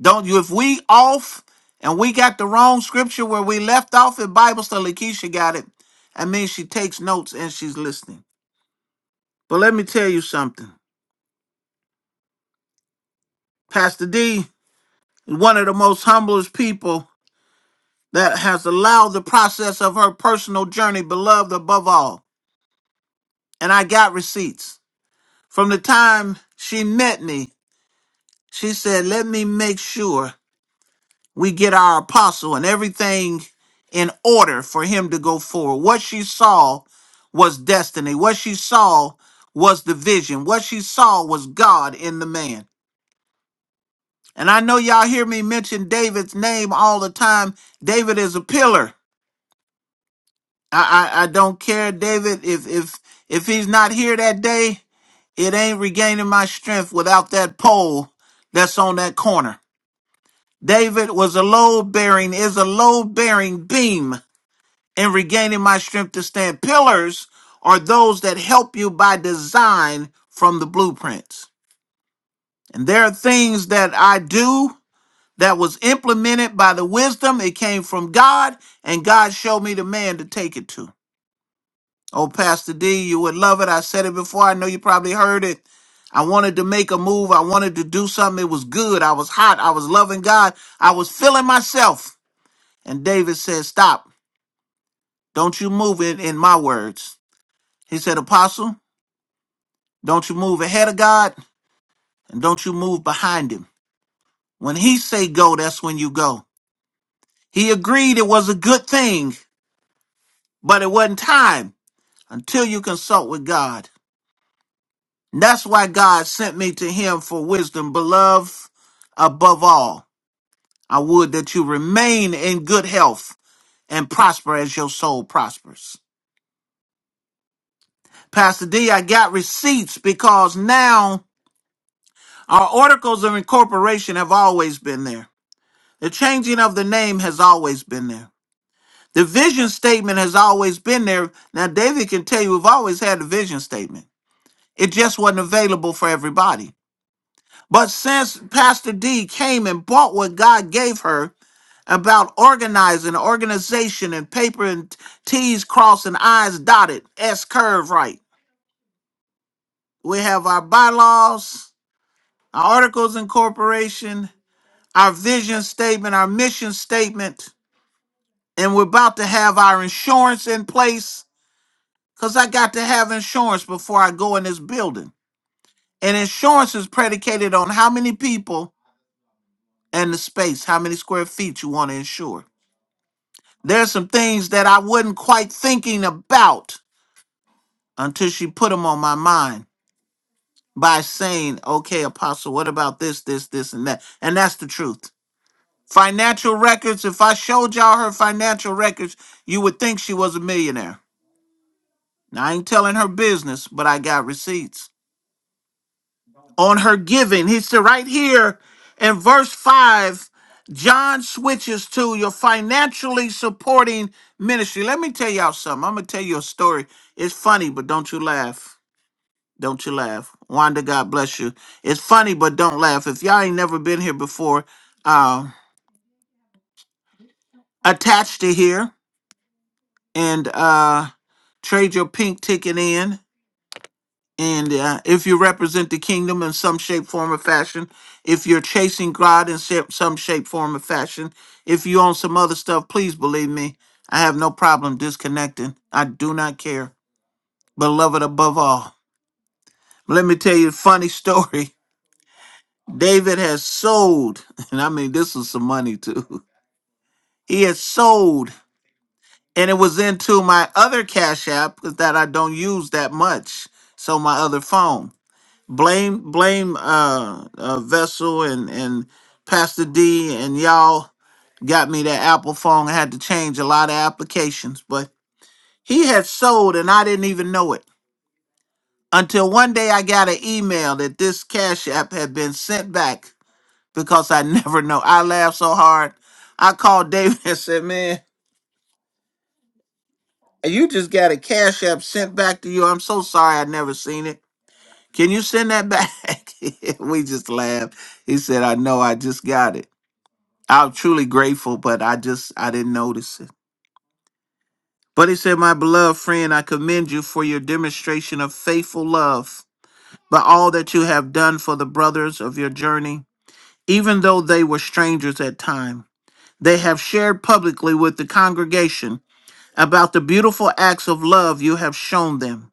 Don't you? If we off and we got the wrong scripture where we left off in Bible study, Lakeisha got it. I mean, she takes notes and she's listening. But let me tell you something. Pastor D is one of the most humblest people that has allowed the process of her personal journey, beloved above all. And I got receipts. From the time she met me, she said, Let me make sure we get our apostle and everything in order for him to go forward. What she saw was destiny. What she saw was the vision. What she saw was God in the man. And I know y'all hear me mention David's name all the time. David is a pillar. I, I I don't care, David. If if if he's not here that day, it ain't regaining my strength without that pole that's on that corner. David was a load bearing, is a load bearing beam in regaining my strength to stand. Pillars are those that help you by design from the blueprints. And there are things that I do that was implemented by the wisdom. It came from God, and God showed me the man to take it to. Oh, Pastor D, you would love it. I said it before. I know you probably heard it. I wanted to make a move. I wanted to do something. It was good. I was hot. I was loving God. I was feeling myself. And David said, Stop. Don't you move it in my words. He said, Apostle, don't you move ahead of God and don't you move behind him. When he say go, that's when you go. He agreed it was a good thing, but it wasn't time until you consult with God. That's why God sent me to him for wisdom. Beloved, above all, I would that you remain in good health and prosper as your soul prospers. Pastor D, I got receipts because now our articles of incorporation have always been there. The changing of the name has always been there. The vision statement has always been there. Now, David can tell you we've always had the vision statement. It just wasn't available for everybody. But since Pastor D came and bought what God gave her about organizing, organization, and paper and T's crossed and I's dotted, S curve right, we have our bylaws, our articles of incorporation, our vision statement, our mission statement, and we're about to have our insurance in place because I got to have insurance before I go in this building. And insurance is predicated on how many people and the space, how many square feet you want to insure. There's some things that I wasn't quite thinking about until she put them on my mind by saying, okay, Apostle, what about this, this, this, and that? And that's the truth. Financial records, if I showed y'all her financial records, you would think she was a millionaire. Now, I ain't telling her business, but I got receipts. on her giving. He said right here in verse 5, John switches to your financially supporting ministry. Let me tell y'all something. I'm going to tell you a story. It's funny, but don't you laugh. Don't you laugh. Wanda, God bless you. It's funny, but don't laugh. If y'all ain't never been here before, uh, attached to here and uh, trade your pink ticket in. And uh, if you represent the kingdom in some shape, form, or fashion, if you're chasing God in sa- some shape, form, or fashion, if you own some other stuff, please believe me, I have no problem disconnecting. I do not care. Beloved above all. Let me tell you a funny story. David has sold, and I mean, this was some money too. He has sold, and it was into my other Cash App that I don't use that much. So, my other phone. blame blame uh, uh vessel and and pastor d and y'all got me that apple phone i had to change a lot of applications but he had sold and i didn't even know it until one day i got an email that this cash app had been sent back because i never know i laughed so hard i called david and said man you just got a cash app sent back to you i'm so sorry i never seen it can you send that back we just laughed he said i know i just got it I'm truly grateful, but I just I didn't notice it. But he said, My beloved friend, I commend you for your demonstration of faithful love, but all that you have done for the brothers of your journey, even though they were strangers at time. They have shared publicly with the congregation about the beautiful acts of love you have shown them.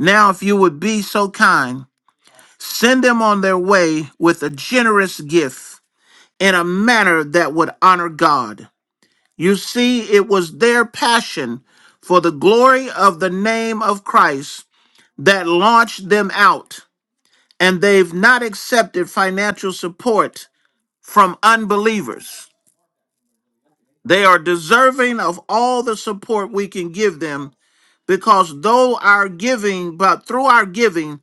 Now, if you would be so kind, send them on their way with a generous gift in a manner that would honor God. You see, it was their passion for the glory of the name of Christ that launched them out, and they've not accepted financial support from unbelievers. They are deserving of all the support we can give them because though our giving, but through our giving,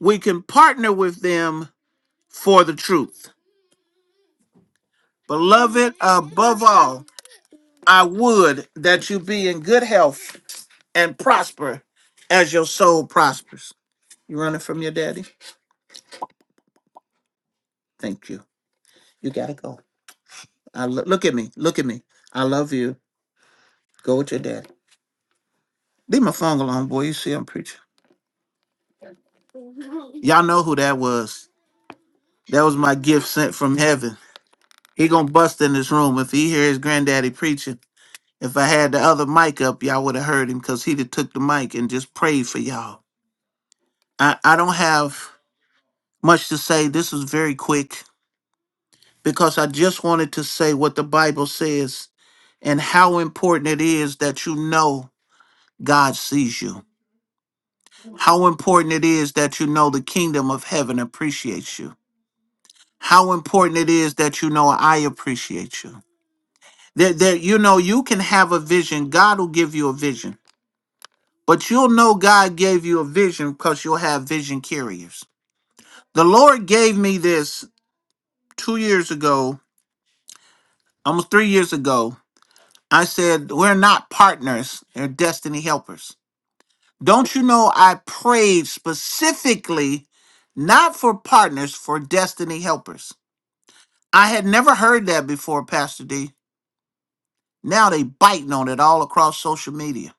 we can partner with them for the truth. Beloved, above all, I would that you be in good health and prosper as your soul prospers. You running from your daddy? Thank you. You gotta go. I lo- look at me. Look at me. I love you. Go with your dad. Leave my phone alone, boy. You see I'm preaching. Y'all know who that was. That was my gift sent from heaven. He gonna bust in this room if he hear his granddaddy preaching. If I had the other mic up, y'all would have heard him because he'd have took the mic and just prayed for y'all. I, I don't have much to say. This was very quick. because I just wanted to say what the Bible says and how important it is that you know God sees you. How important it is that you know the kingdom of heaven appreciates you. How important it is that you know I appreciate you. That, that you know you can have a vision. God will give you a vision. But you'll know God gave you a vision because you'll have vision carriers. The Lord gave me this two years ago, almost three years ago, I said, We're not partners, they're destiny helpers. Don't you know I prayed specifically not for partners, for destiny helpers? I had never heard that before, Pastor D. Now they biting on it all across social media.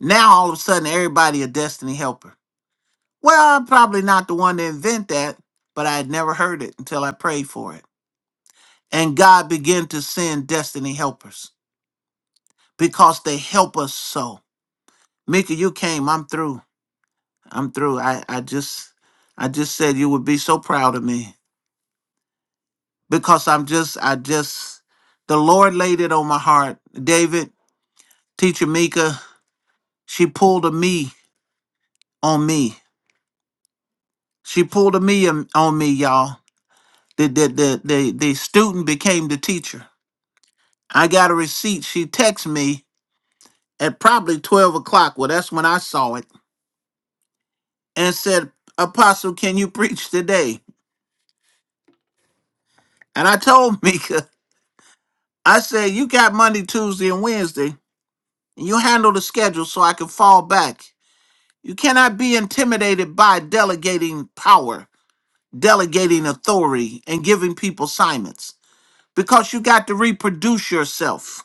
Now all of a sudden everybody a destiny helper. Well, I'm probably not the one to invent that, but I had never heard it until I prayed for it. And God began to send destiny helpers because they help us so. Mika, you came, I'm through. I'm through. I, I just I just said you would be so proud of me because I'm just I just the Lord laid it on my heart. David, teacher Mika, she pulled a me on me. She pulled a me on on me, y'all. The the the the, the student became the teacher. I got a receipt. She texted me at probably twelve o'clock. Well, that's when I saw it and said, Apostle, can you preach today? And I told Mika, I said, you got Monday, Tuesday, and Wednesday. You handle the schedule so I can fall back. You cannot be intimidated by delegating power, delegating authority, and giving people assignments because you got to reproduce yourself.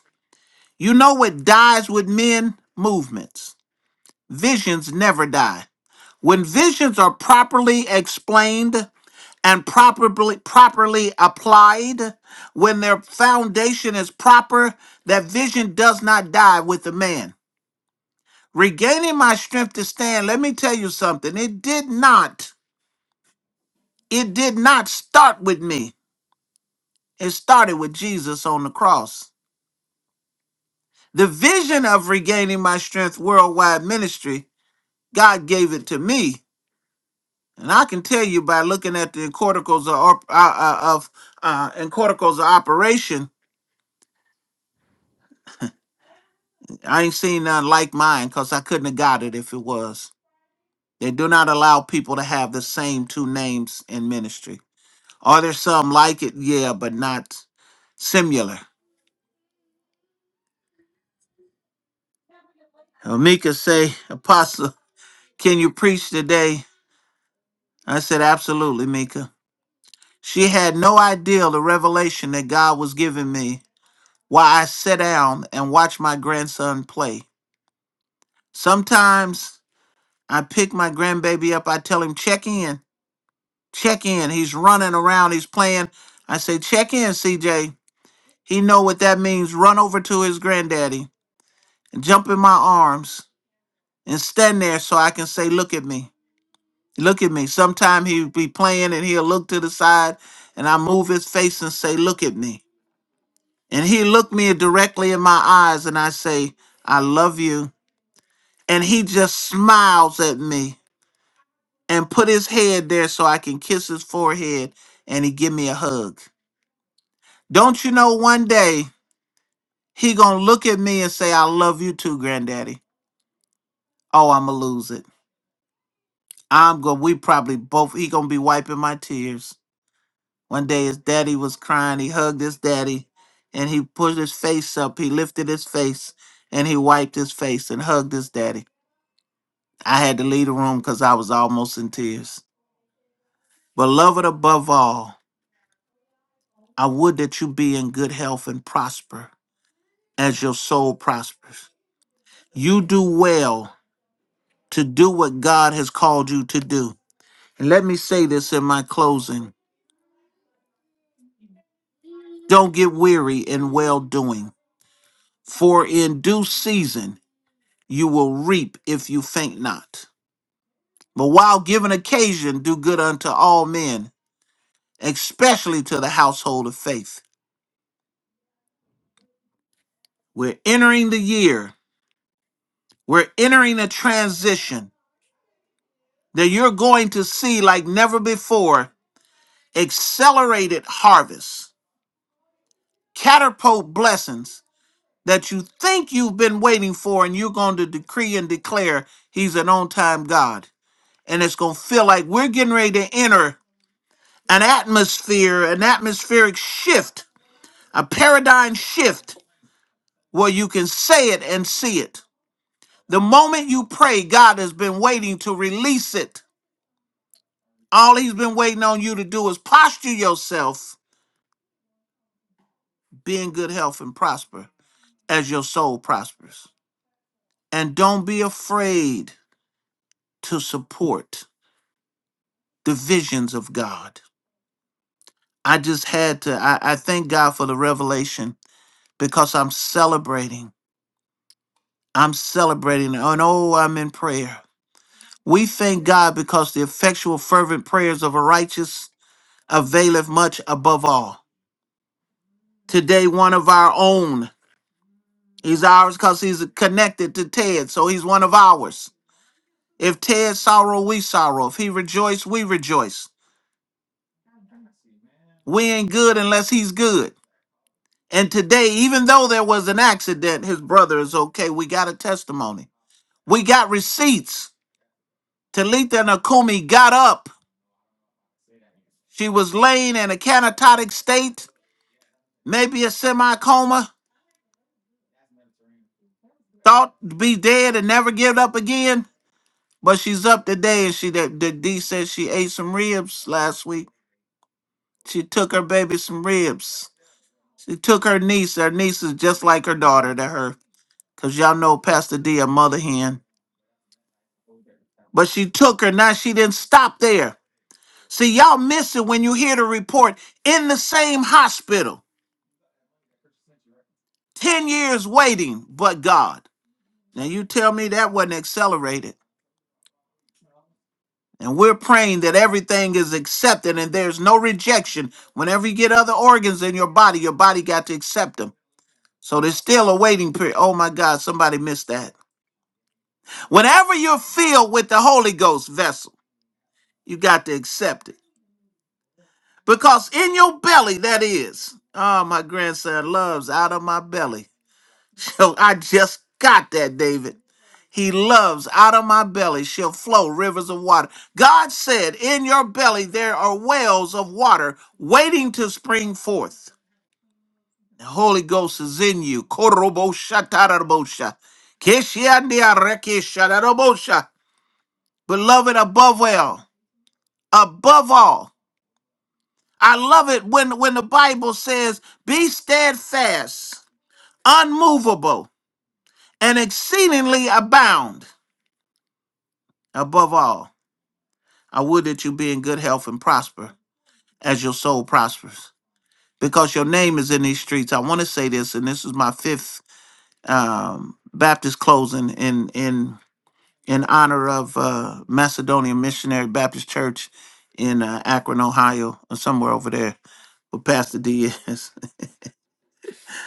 You know what dies with men? Movements. Visions never die. When visions are properly explained and properly properly applied, when their foundation is proper, that vision does not die with the man. regaining my strength to stand let me tell you something it did not it did not start with me it started with jesus on the cross the vision of regaining my strength worldwide ministry god gave it to me and i can tell you by looking at the corticals of op- uh, uh, of uh and corticals of operation i ain't seen none like mine because i couldn't have got it if it was they do not allow people to have the same two names in ministry Are there some like it? Yeah, but not similar. Uh, Mika say, Apostle, can you preach today? I said, absolutely, Mika. She had no idea the revelation that God was giving me while I sat down and watched my grandson play. Sometimes I pick my grandbaby up, I tell him, check in, check in. He's running around, he's playing. I say, check in, CJ. He know what that means. Run over to his granddaddy and jump in my arms. and stand there so I can say, look at me. Look at me. Sometime he'll be playing and he'll look to the side and I move his face and say, look at me. And he looked me directly in my eyes and I say, I love you. And he just smiles at me and put his head there so I can kiss his forehead and he give me a hug. Don't you know one day he gonna look at me and say, I love you too, granddaddy. Oh, I'ma lose it. I'm gonna we probably both he gonna be wiping my tears. One day his daddy was crying. He hugged his daddy and he pushed his face up. He lifted his face and he wiped his face and hugged his daddy. I had to leave the room because I was almost in tears. Beloved, above all, I would that you be in good health and prosper as your soul prospers. You do well to do what God has called you to do. And let me say this in my closing don't get weary in well doing, for in due season, you will reap if you faint not. But while given occasion, do good unto all men, especially to the household of faith. We're entering the year, we're entering a transition that you're going to see like never before accelerated harvests, catapult blessings that you think you've been waiting for, and you're going to decree and declare He's an on time God. And it's going to feel like we're getting ready to enter. an atmosphere, an atmospheric shift, a paradigm shift where you can say it and see it. The moment you pray, God has been waiting to release it. All He's been waiting on you to do is posture yourself, be in good health and prosper as your soul prospers. And don't be afraid to support the visions of God. I just had to, I, I thank God for the revelation because I'm celebrating I'm celebrating and oh, I'm in prayer. We thank God because the effectual, fervent prayers of a righteous availeth much above all. Today, one of our own. He's ours because he's connected to Ted, so he's one of ours. If Ted sorrow, we sorrow. If he rejoice, we rejoice. We ain't good unless he's good. And today, even though there was an accident, his brother is okay. We got a testimony. We got receipts. Talitha Nakumi got up She was laying in a canatotic state, maybe a semi coma, thought to be dead and never give up again. But she's up today, and she that the D said she ate some ribs last week. She took her baby some ribs. She took her niece. Her niece is just like her daughter to her, cause y'all know Pastor D a mother hen. But she took her. Now she didn't stop there. See, y'all miss it when you hear the report in the same hospital, ten years waiting, but God. Now you tell me that wasn't accelerated. And we're praying that everything is accepted and there's no rejection. Whenever you get other organs in your body, your body got to accept them. So there's still a waiting period. Oh my God, somebody missed that. Whenever you're filled with the Holy Ghost vessel, you got to accept it. Because in your belly, that is. Oh, my grandson loves out of my belly. So I just got that, David. He loves out of my belly shall flow rivers of water. God said, In your belly there are wells of water waiting to spring forth. The Holy Ghost is in you. Koroboshatarabosha. Keshiandiarekeshadarabosha. Beloved, above all, above all, I love it when, when the Bible says, Be steadfast, unmovable, and exceedingly abound above all. I would that you be in good health and prosper as your soul prospers. Because your name is in these streets. I want to say this, and this is my fifth um, Baptist closing in in in honor of uh, Macedonian Missionary Baptist Church in uh, Akron, Ohio, or somewhere over there. But Pastor D is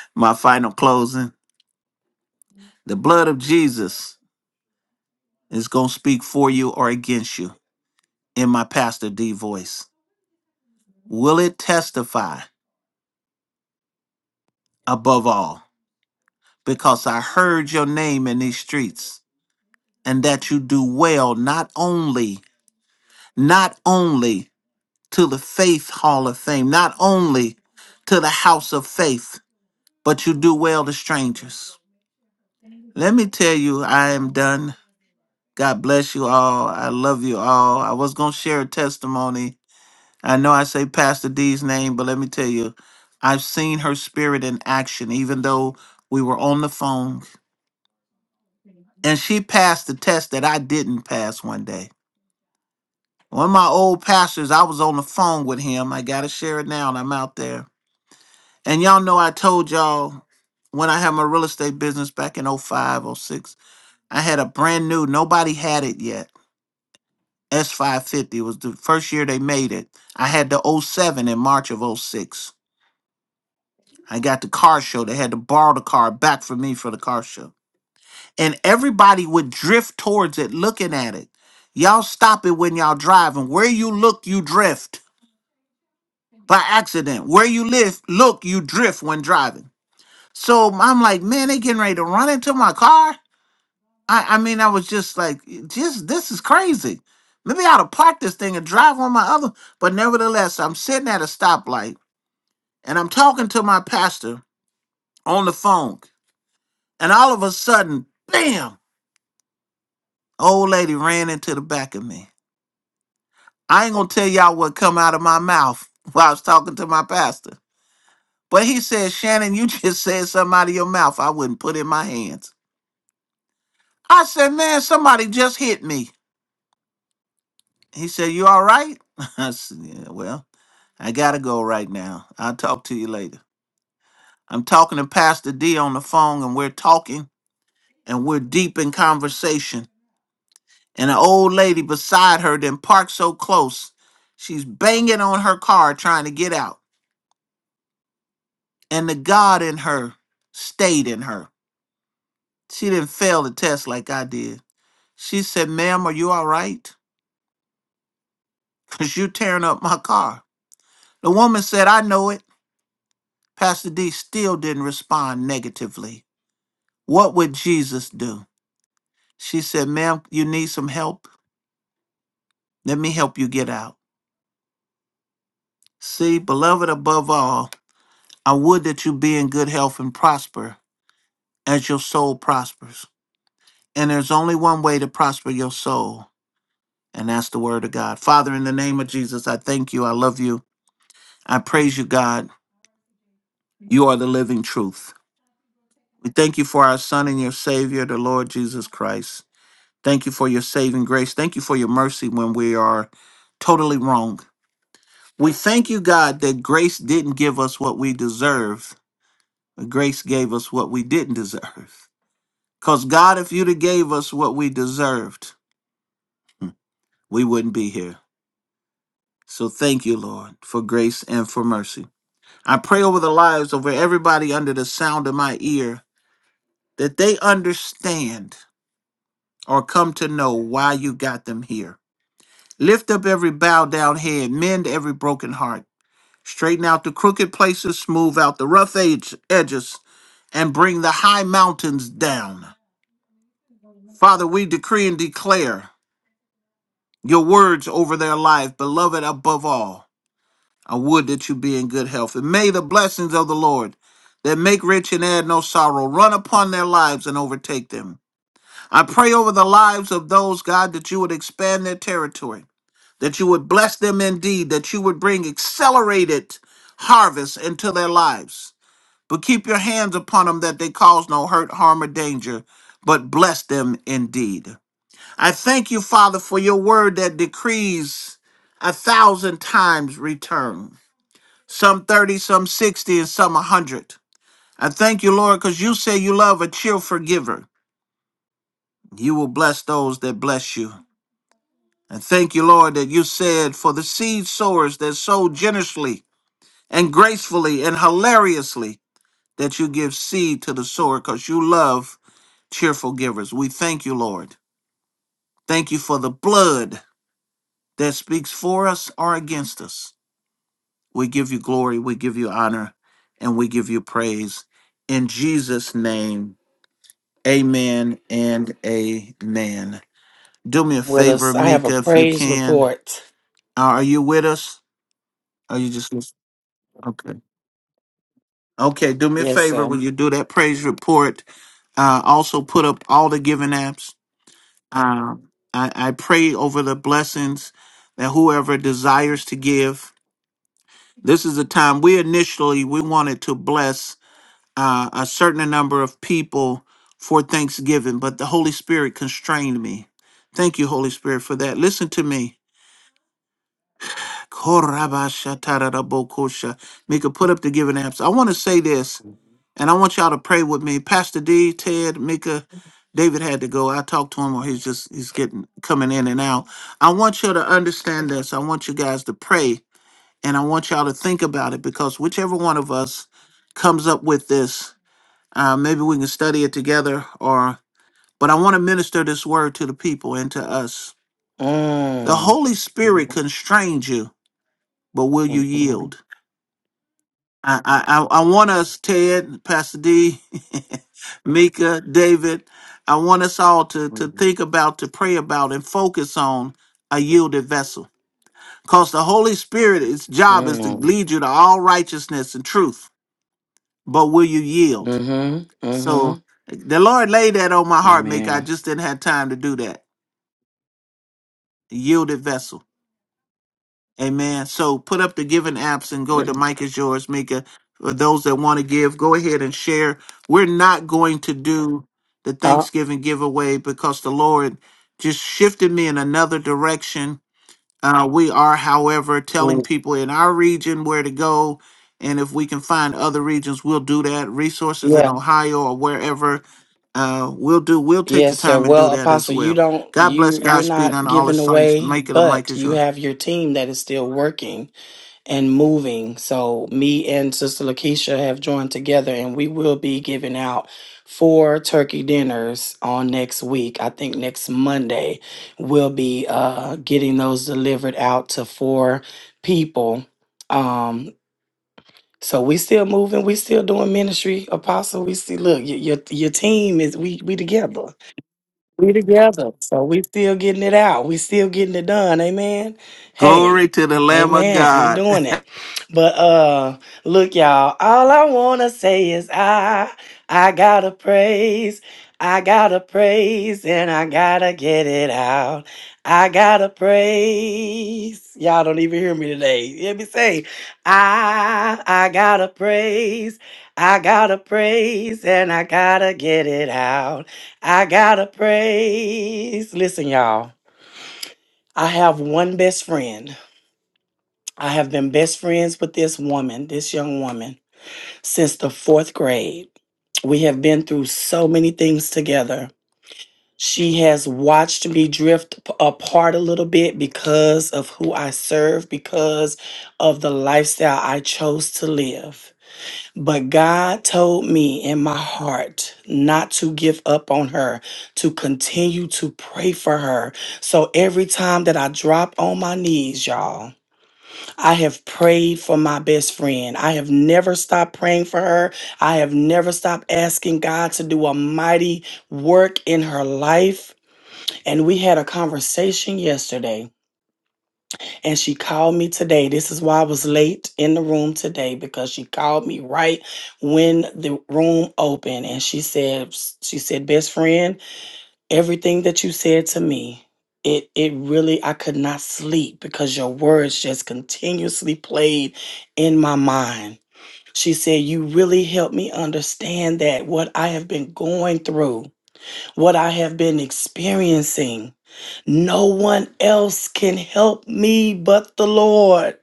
my final closing. The blood of Jesus is gonna speak for you or against you in my Pastor D voice. Will it testify above all? because I heard your name in these streets and that you do well not only not only to the faith hall of fame not only to the house of faith but you do well to strangers let me tell you I am done God bless you all I love you all I was going to share a testimony I know I say Pastor D's name but let me tell you I've seen her spirit in action even though we were on the phone and she passed the test that I didn't pass one day. One of my old pastors, I was on the phone with him. I gotta share it now, and I'm out there. And y'all know I told y'all when I had my real estate business back in oh 05, oh 06, I had a brand new, nobody had it yet. S550 was the first year they made it. I had the '07 in March of '06. I got the car show. They had to borrow the car back from me for the car show. and everybody would drift towards it looking at it. Y'all stop it when y'all driving. Where you look, you drift by accident. Where you live, look, you drift when driving. So I'm like, man, they getting ready to run into my car. I, I mean, I was just like, just this is crazy. Maybe I ought to park this thing and drive on my other. But nevertheless, I'm sitting at a stoplight and I'm talking to my pastor on the phone. And all of a sudden, bam, old lady ran into the back of me. I ain't gonna tell y'all what come out of my mouth while I was talking to my pastor. But he said, Shannon, you just said something out of your mouth I wouldn't put in my hands. I said, man, somebody just hit me. He said, you all right? I said, yeah, well, I gotta go right now. I'll talk to you later. I'm talking to Pastor D on the phone and we're talking and we're deep in conversation. And an old lady beside her then parked so close, she's banging on her car trying to get out. and the God in her stayed in her. She didn't fail the test like I did. She said, Ma'am, are you all right? Because you're tearing up my car. The woman said, I know it. Pastor D still didn't respond negatively. What would Jesus do? She said, Ma'am, you need some help? Let me help you get out. See, beloved, above all, I would that you be in good health and prosper as your soul prospers. And there's only one way to prosper your soul, And that's the word of God. Father, in the name of Jesus, I thank you. I love you. I praise you, God. You are the living truth. We thank you for our Son and your Savior, the Lord Jesus Christ. Thank you for your saving grace. Thank you for your mercy when we are totally wrong. We thank you, God, that grace didn't give us what we deserve. but Grace gave us what we didn't deserve. Because, God, if you'd have gave us what we deserved, hmm, we wouldn't be here. So thank you, Lord, for grace and for mercy. I pray over the lives over everybody under the sound of my ear that they understand or come to know why you got them here. Lift up every bowed down head, mend every broken heart, straighten out the crooked places, smooth out the rough edge, edges, and bring the high mountains down. Father, we decree and declare your words over their life, beloved above all. I would that you be in good health. And may the blessings of the Lord that make rich and add no sorrow run upon their lives and overtake them. I pray over the lives of those, God, that you would expand their territory, that you would bless them indeed, that you would bring accelerated harvest into their lives. But keep your hands upon them that they cause no hurt, harm, or danger, but bless them indeed. I thank you, Father, for your word that decrees a thousand times return some 30, some 60, and some 100. I thank you, Lord, because you say you love a cheerful giver. You will bless those that bless you. And thank you, Lord, that you said, for the seed sowers that sow generously and gracefully and hilariously, that you give seed to the sower because you love cheerful givers. We thank you, Lord. Thank you for the blood that speaks for us or against us. We give you glory, we give you honor, and we give you praise. In Jesus' name, Amen and amen. Do me a
with
favor,
us. I have a
Mika, if you
praise
can.
report.
Uh, Are you with us? Are you just listening? Okay. Okay, do me a
Yes,
favor
sir.
when you do that praise report. Uh, also, put up all the giving apps. Um, I, I pray over the blessings that whoever desires to give. This is the time we initially we wanted to bless uh, a certain number of people for Thanksgiving, but the Holy Spirit constrained me. Thank you, Holy Spirit, for that. Listen to me. Korabashatarabokosha. Mika, put up the giving apps. I want to say this, and I want y'all to pray with me. Pastor D, Ted, Mika, David had to go. I talked to him, or he's just he's getting coming in and out. I want you to understand this. I want you guys to pray, and I want y'all to think about it because whichever one of us comes up with this uh, maybe we can study it together or but I want to minister this word to the people and to us. The
Mm.
Holy Spirit
Mm.
constrains you, but will you
Mm.
yield? I I, I I want us, Ted, Pastor D, Mika, David, I want us all to to think about, to pray about, and focus on a yielded vessel. Because the Holy Spirit, its job is to lead you to all righteousness and truth. But will you yield?
Mm-hmm.
So
Mm-hmm.
the Lord laid that on my heart, make I
Amen.
just didn't have time to do that. Yielded vessel. Amen. So put up the giving apps and go. The mic is yours, Mika. For those that want to give, go ahead and share. We're not going to do the
Uh,
Thanksgiving giveaway because the Lord just shifted me in another direction Uh, we are, however, telling
mm,
people in our region where to go. And if we can find other regions, we'll do that. Resources in
yeah.
Ohio or wherever, uh, we'll do. We'll take the
Yes, sir.
time and do
Well,
that as
Apostle, you
well.
don't
God
you
bless Yeah.
you're
Godspeed
not
and all
giving
His saints.
away,
Make it a mic
but
is
you
yours.
have your team that is still working. and moving. So me and Sister Lakeisha have joined together and we will be giving out four turkey dinners on next week. I think next Monday we'll be uh getting those delivered out to four people. Um so we still moving, we still doing ministry, apostle. We see look, your your, your team is we we together. We together. So we still getting it out. We still getting it done. Amen. Hey.
Glory to the Lamb of
Amen. We
God,
doing it. But uh look y'all, all I want to say is I I got to praise. I got to praise and I got to get it out. I got to praise. Y'all don't even hear me today. You hear me say, I I got to praise. I got to praise and I got to get it out. I gotta praise. Listen, y'all, I have one best friend. I have been best friends with this woman, this young woman, since the fourth grade. We have been through so many things together. She has watched me drift p- apart a little bit because of who I serve, because of the lifestyle I chose to live. But God told me in my heart not to give up on her, to continue to pray for her. So every time that I drop on my knees, y'all, I have prayed for my best friend. I have never stopped praying for her. I have never stopped asking God to do a mighty work in her life. And we had a conversation yesterday and she called me today. This is why I was late in the room today because she called me right when the room opened and she said she said, "Best friend, everything that you said to me, it it really I could not sleep because your words just continuously played in my mind." She said, "You really helped me understand that what I have been going through." what I have been experiencing. No one else can help me but the Lord.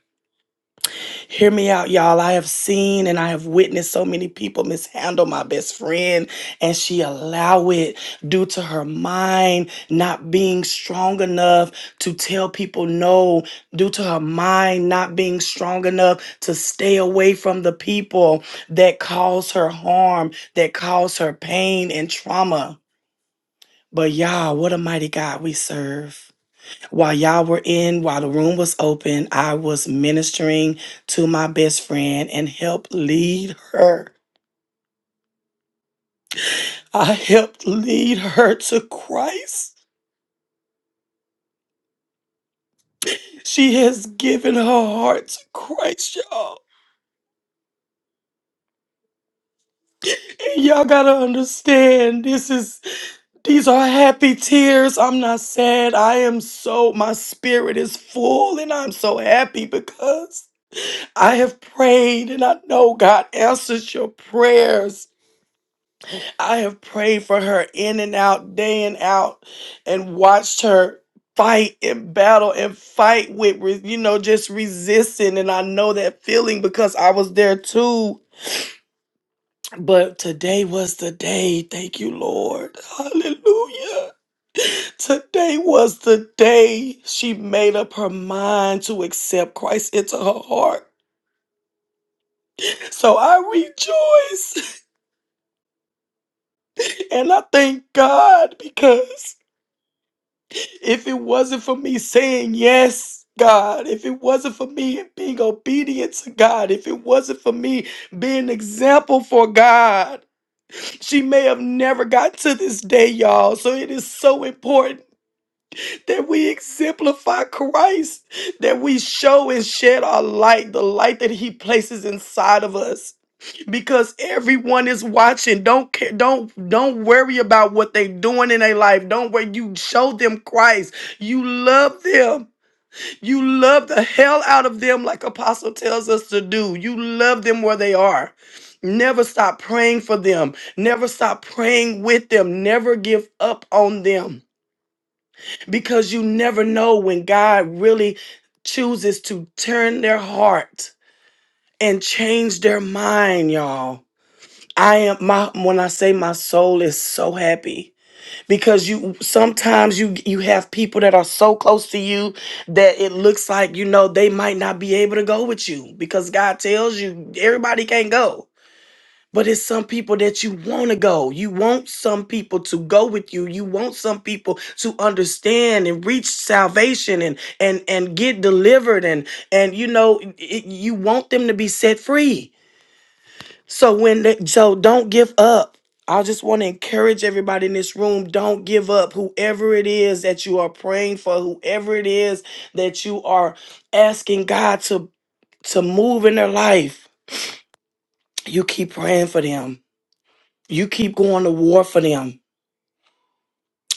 Hear me out, y'all. I have seen and I have witnessed so many people mishandle my best friend, and she allow it due to her mind not being strong enough to tell people no, due to her mind not being strong enough to stay away from the people that cause her harm, that cause her pain and trauma. But y'all, what a mighty God we serve. While y'all were in, while the room was open, I was ministering to my best friend and helped lead her. I helped lead her to Christ. She has given her heart to Christ, y'all. And y'all gotta understand this is these are happy tears. I'm not sad. I am so my spirit is full and I'm so happy because I have prayed and I know God answers your prayers. I have prayed for her in and out, day and out, and watched her fight and battle and fight with, re- you know, just resisting. And I know that feeling because I was there too. But today was the day. Thank you, Lord. Hallelujah. Today was the day she made up her mind to accept Christ into her heart. So I rejoice. And I thank God because if it wasn't for me saying yes, God, if it wasn't for me being obedient to God, if it wasn't for me being an example for God, she may have never got to this day, y'all. So it is so important that we exemplify Christ, that we show and shed our light, the light that He places inside of us because everyone is watching. Don't care, don't don't worry about what they doing in their life. Don't worry. You show them Christ. You love them. You love the hell out of them, like Apostle tells us to do. You love them where they are. Never stop praying for them. Never stop praying with them. Never give up on them because you never know when God really chooses to turn their heart and change their mind, y'all I am my when I say my soul is so happy because you sometimes you you have people that are so close to you that it looks like you know they might not be able to go with you because God tells you everybody can't go. But it's some people that you want to go. You want some people to go with you. You want some people to understand and reach salvation and and and get delivered and and you know it, you want them to be set free so when they, so don't give up. I just want to encourage everybody in this room, don't give up. Whoever it is that you are praying for, whoever it is that you are asking God to to move in their life, you keep praying for them. You keep going to war for them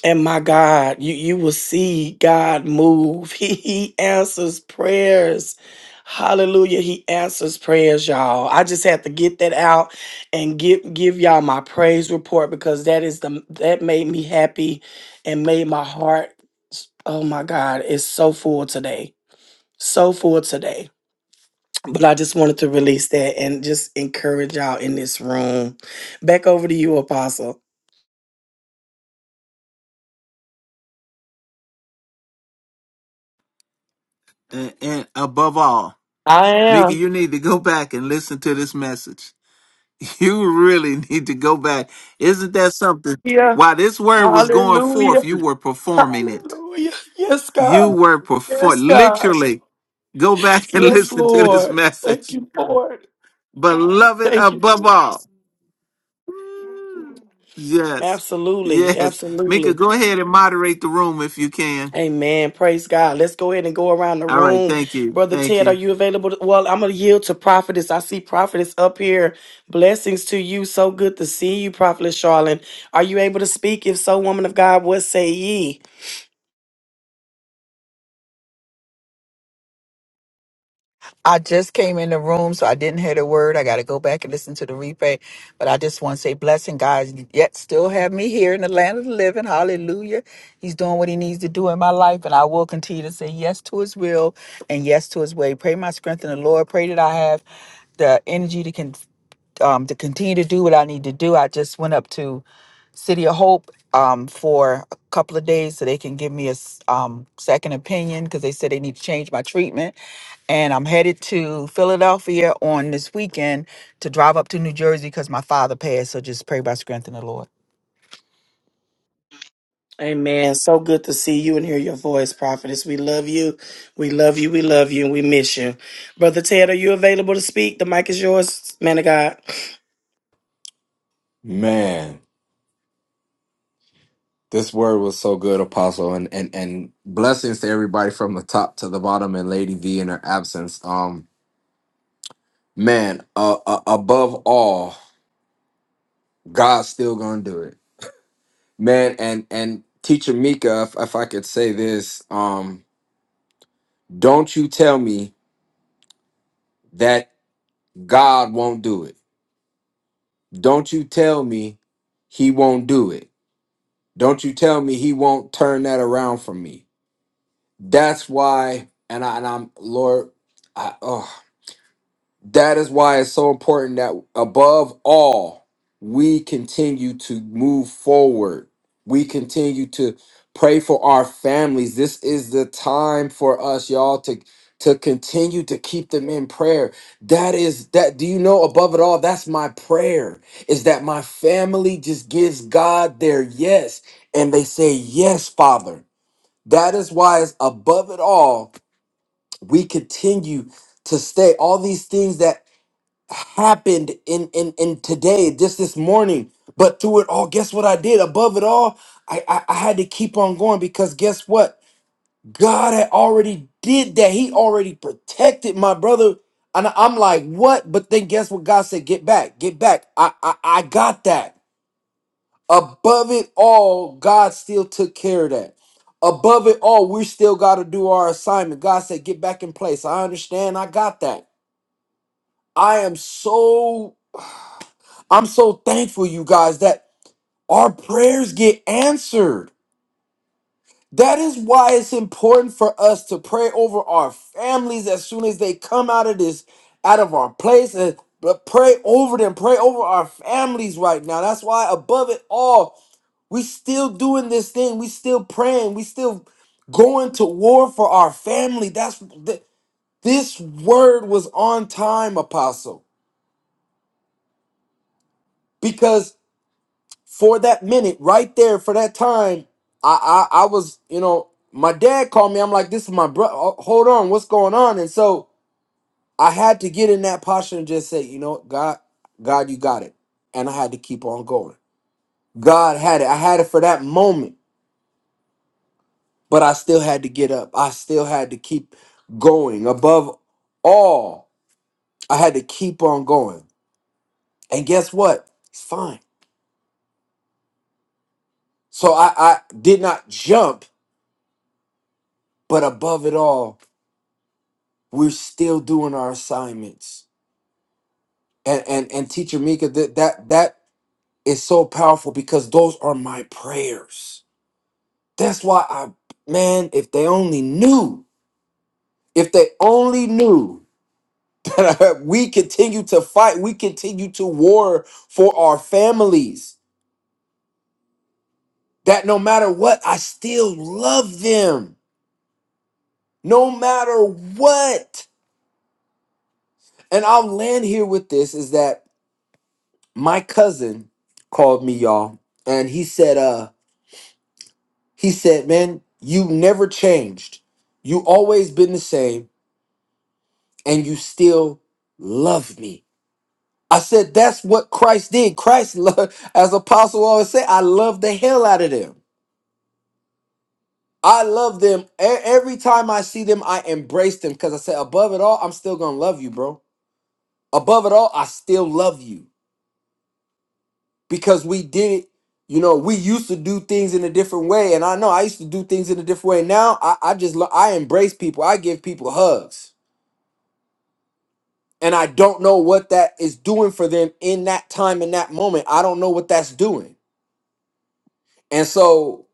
And my God, you, you will see God move. He, he answers prayers. Hallelujah. He answers prayers, y'all. I just had to get that out and give give y'all my praise report because that is the that made me happy and made my heart oh my God, it's so full today. So full today. But I just wanted to release that and just encourage y'all in this room. Back over to you, Apostle.
and, and above all,
I am.
Mickey, you need to go back and listen to this message. You really need to go back. Isn't that something?
here.
While this word was going
Hallelujah.
forth, you were performing it.
Hallelujah. Yes,
You
God.
were performed.
Yes, God.
Literally, go back and
Yes,
listen to this
Lord. Thank
message.
you, Lord.
Beloved
Thank you,
above all.
Jesus.
Yes.
Absolutely.
Yes. Mika,
Absolutely.
go ahead and moderate the room if you can.
Amen. Praise God. Let's go ahead and go around the
All right.
room.
Thank you.
Brother
Thank
Ted, are
you.
you available? to- well, I'm going to yield to prophetess. I see prophetess up here. Blessings to you. So good to see you, prophetess Charlene. Are you able to speak? If so, woman of God, what say ye?
I just came in the room, so I didn't hear the word. I got to go back and listen to the replay. But I just want to say, blessing God, yet still have me here in the land of the living. Hallelujah. He's doing what he needs to do in my life, and I will continue to say yes to his will and yes to his way. Pray my strength in the Lord. Pray that I have the energy to, con- um, to continue to do what I need to do. I just went up to City of Hope um, for a couple of days so they can give me a s- um, second opinion because they said they need to change my treatment. And I'm headed to Philadelphia on this weekend to drive up to New Jersey because my father passed. So just pray by strength in the Lord.
Amen. So good to see you and hear your voice, prophetess. We love you. We love you. We love you. And we miss you. Brother Ted, are you available to speak? The mic is yours, man of God.
Man. This word was so good, Apostle, and and and blessings to everybody from the top to the bottom, and Lady V in her absence. Um, man, uh, uh, above all, God's still gonna do it, man. And and Teacher Mika, if, if I could say this, um, don't you tell me that God won't do it. Don't you tell me He won't do it. Don't you tell me He won't turn that around for me. That's why, and I and I'm Lord, I oh. That is why it's so important that above all, we continue to move forward. We continue to pray for our families. This is the time for us, y'all, to to continue to keep them in prayer. That is that do you know above it all, that's my prayer is that my family just gives God their yes and they say yes, Father. That is why it's above it all, we continue to stay all these things that happened in in in today just this morning but through it all guess what i did above it all I, I i had to keep on going because guess what god had already did that he already protected my brother and i'm like what but then guess what god said get back get back i i, I got that above it all god still took care of that above it all we still got to do our assignment god said get back in place i understand i got that i am so I'm so thankful, you guys, that our prayers get answered. That is why it's important for us to pray over our families as soon as they come out of this, out of our place, and but pray over them, pray over our families right now. That's why, above it all, we still doing this thing. We still praying. We still going to war for our family. That's th- this word was on time, Apostle, because for that minute right there for that time i i, I was you know my dad called me i'm like this is my brother hold on what's going on and so i had to get in that posture and just say you know god god you got it and i had to keep on going god had it i had it for that moment but i still had to get up i still had to keep going above all i had to keep on going and guess what it's fine so i i did not jump but above it all we're still doing our assignments. And and and teacher Mika, that that that is so powerful because those are my prayers. That's why I man, if they only knew, if they only knew that I- we continue to fight, we continue to war for our families, that no matter what, I still love them. No matter what. And I'll land here with this is that my cousin called me y'all and he said uh He said, Man, you never changed. You always been the same, and you still love me. I said, That's what Christ did. Christ loved, as Apostle always said, I love the hell out of them. I love them. E- Every time I see them, I embrace them because I said, Above it all, I'm still going to love you, bro. Above it all, I still love you because we did it. You know, we used to do things in a different way, and I know I used to do things in a different way. Now I, I just lo- I embrace people. I give people hugs. And I don't know what that is doing for them in that time, in that moment. I don't know what that's doing. And so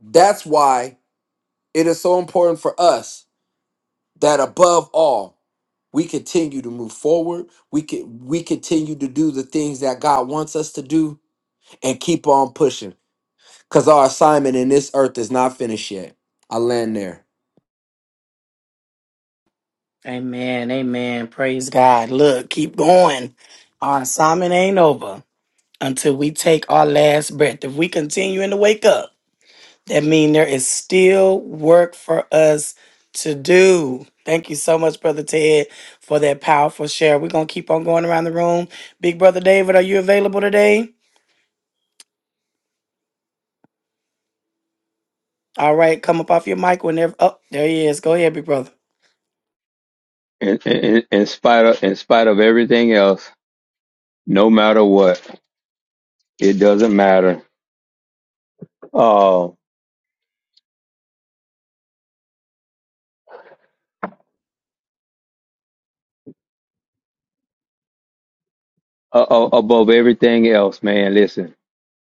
that's why it is so important for us that above all, we continue to move forward. We can we continue to do the things that God wants us to do and keep on pushing. Cause our assignment in this earth is not finished yet. I land there.
Amen. Amen. Praise God. Look, keep going. Our assignment ain't over until we take our last breath. If we continue in the wake up, That means there is still work for us to do. Thank you so much, Brother Ted, for that powerful share. We're gonna keep on going around the room. Big Brother David, are you available today? All right, come up off your mic whenever. Oh, there he is. Go ahead, big brother.
in, in, in spite of in spite of everything else, no matter what, it doesn't matter. Uh, a- a- above everything else, man. Listen,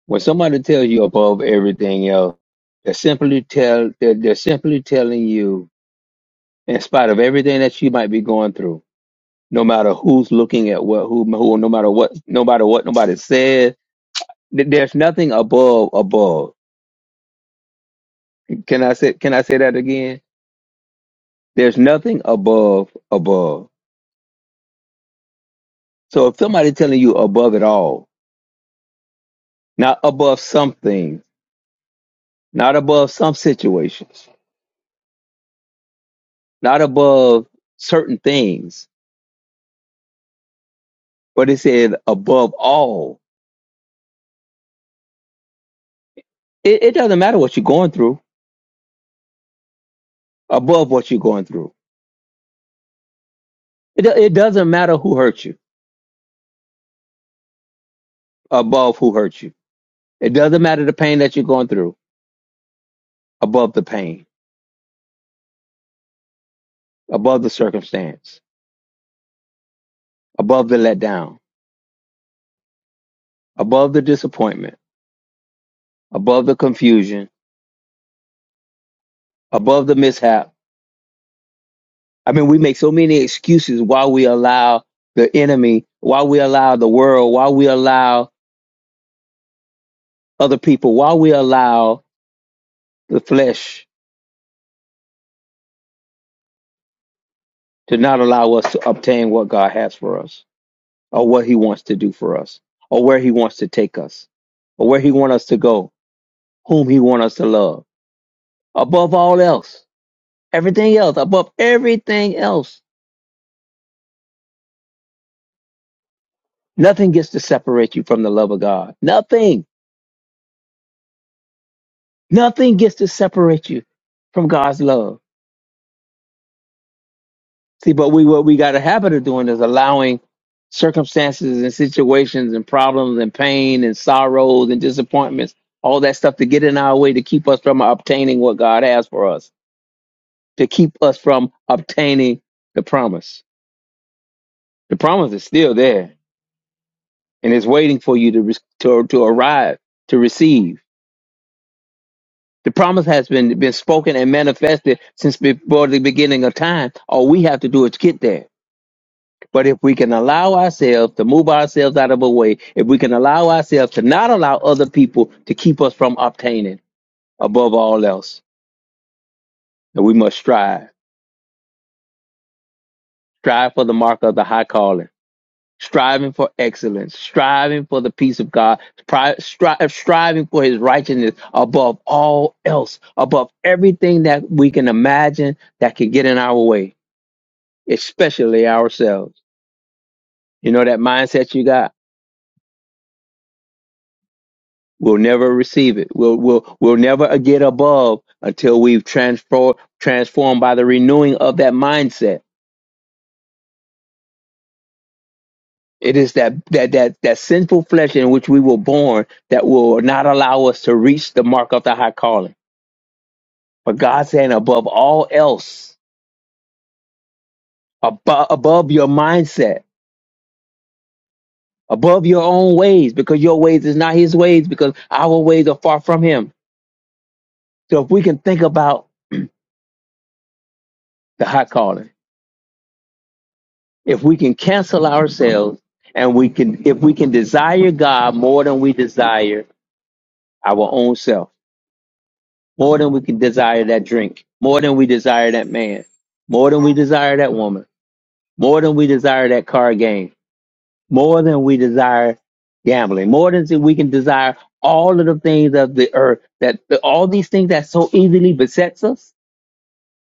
when somebody tells you above everything else, they're simply tell they're, they're simply telling you, in spite of everything that you might be going through, no matter who's looking at what who who no matter what no matter what nobody says, th- there's nothing above above. Can I say can I say that again? There's nothing above above So if somebody telling you above it all, not above some things, not above some situations, not above certain things, but it said above all, it, it doesn't matter what you're going through, above what you're going through. It, do- it doesn't matter who hurt you, above who hurt you. It doesn't matter the pain that you're going through, above the pain, above the circumstance, above the letdown, above the disappointment, above the confusion, above the mishap, I mean, we make so many excuses why we allow the enemy, why we allow the world, why we allow other people, why we allow the flesh to not allow us to obtain what God has for us, or what He wants to do for us, or where He wants to take us, or where He wants us to go, whom He wants us to love. Above all else, everything else, above everything else, nothing gets to separate you from the love of God. Nothing, nothing gets to separate you from God's love See, but we what we got a habit of doing is allowing circumstances and situations and problems and pain and sorrows and disappointments, all that stuff to get in our way to keep us from obtaining what God has for us, to keep us from obtaining the promise. The promise is still there and is waiting for you to re- to, to arrive to receive. The promise has been been spoken and manifested since before the beginning of time. All we have to do is get there. But if we can allow ourselves to move ourselves out of a way, if we can allow ourselves to not allow other people to keep us from obtaining above all else, then we must strive. Strive for the mark of the high calling, striving for excellence, striving for the peace of God, stri- stri- striving for his righteousness above all else, above everything that we can imagine that can get in our way, especially ourselves. You know that mindset you got? We'll never receive it. We'll, we'll, we'll never get above until we've transfer, transformed by the renewing of that mindset. It is that, that, that, that sinful flesh in which we were born that will not allow us to reach the mark of the high calling. But God saying above all else, above, above your mindset, above your own ways, because your ways is not his ways, because our ways are far from him. So if we can think about the high calling, if we can cancel ourselves and we can if we can desire God more than we desire our own self, more than we can desire that drink, more than we desire that man, more than we desire that woman, more than we desire that card game, more than we desire gambling, more than we can desire all of the things of the earth that all these things that so easily besets us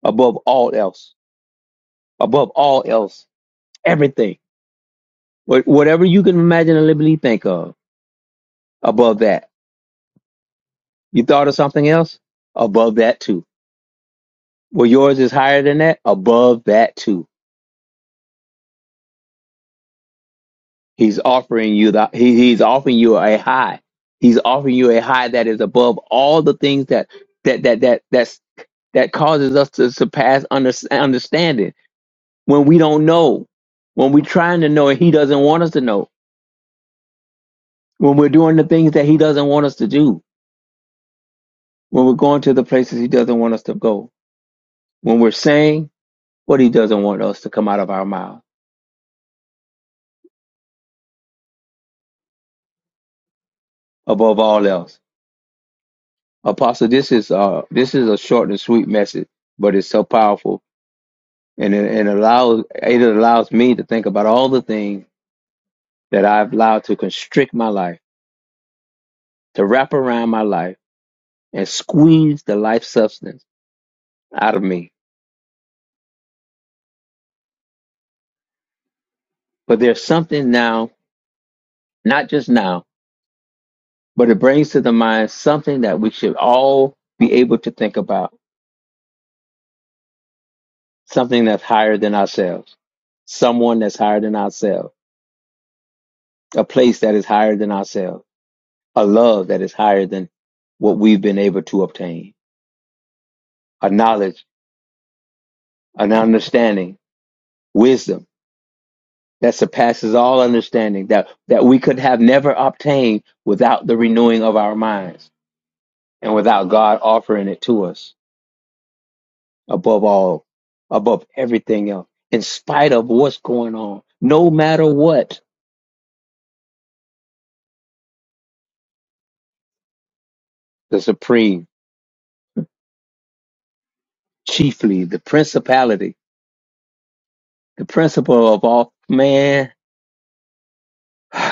above all else, above all else, everything, Wh- whatever you can imagine and liberally think of above that You thought of something else? Above that too. Well, yours is higher than that. Above that too. He's offering you the he, he's offering you a high. He's offering you a high that is above all the things that that that that that's that causes us to surpass under, understanding when we don't know, when we're trying to know and he doesn't want us to know, when we're doing the things that he doesn't want us to do, when we're going to the places he doesn't want us to go, when we're saying what he doesn't want us to come out of our mouth above all else. Apostle, this is uh this is a short and sweet message, but it's so powerful and it, and allows it allows me to think about all the things that I've allowed to constrict my life, to wrap around my life and squeeze the life substance out of me. But there's something now, not just now, but it brings to the mind something that we should all be able to think about, something that's higher than ourselves, someone that's higher than ourselves, a place that is higher than ourselves. a love that is higher than what we've been able to obtain, a knowledge, an understanding, wisdom that surpasses all understanding that, that we could have never obtained without the renewing of our minds and without God offering it to us above all, above everything else, in spite of what's going on, no matter what, the supreme, chiefly, the principality, the principle of all man.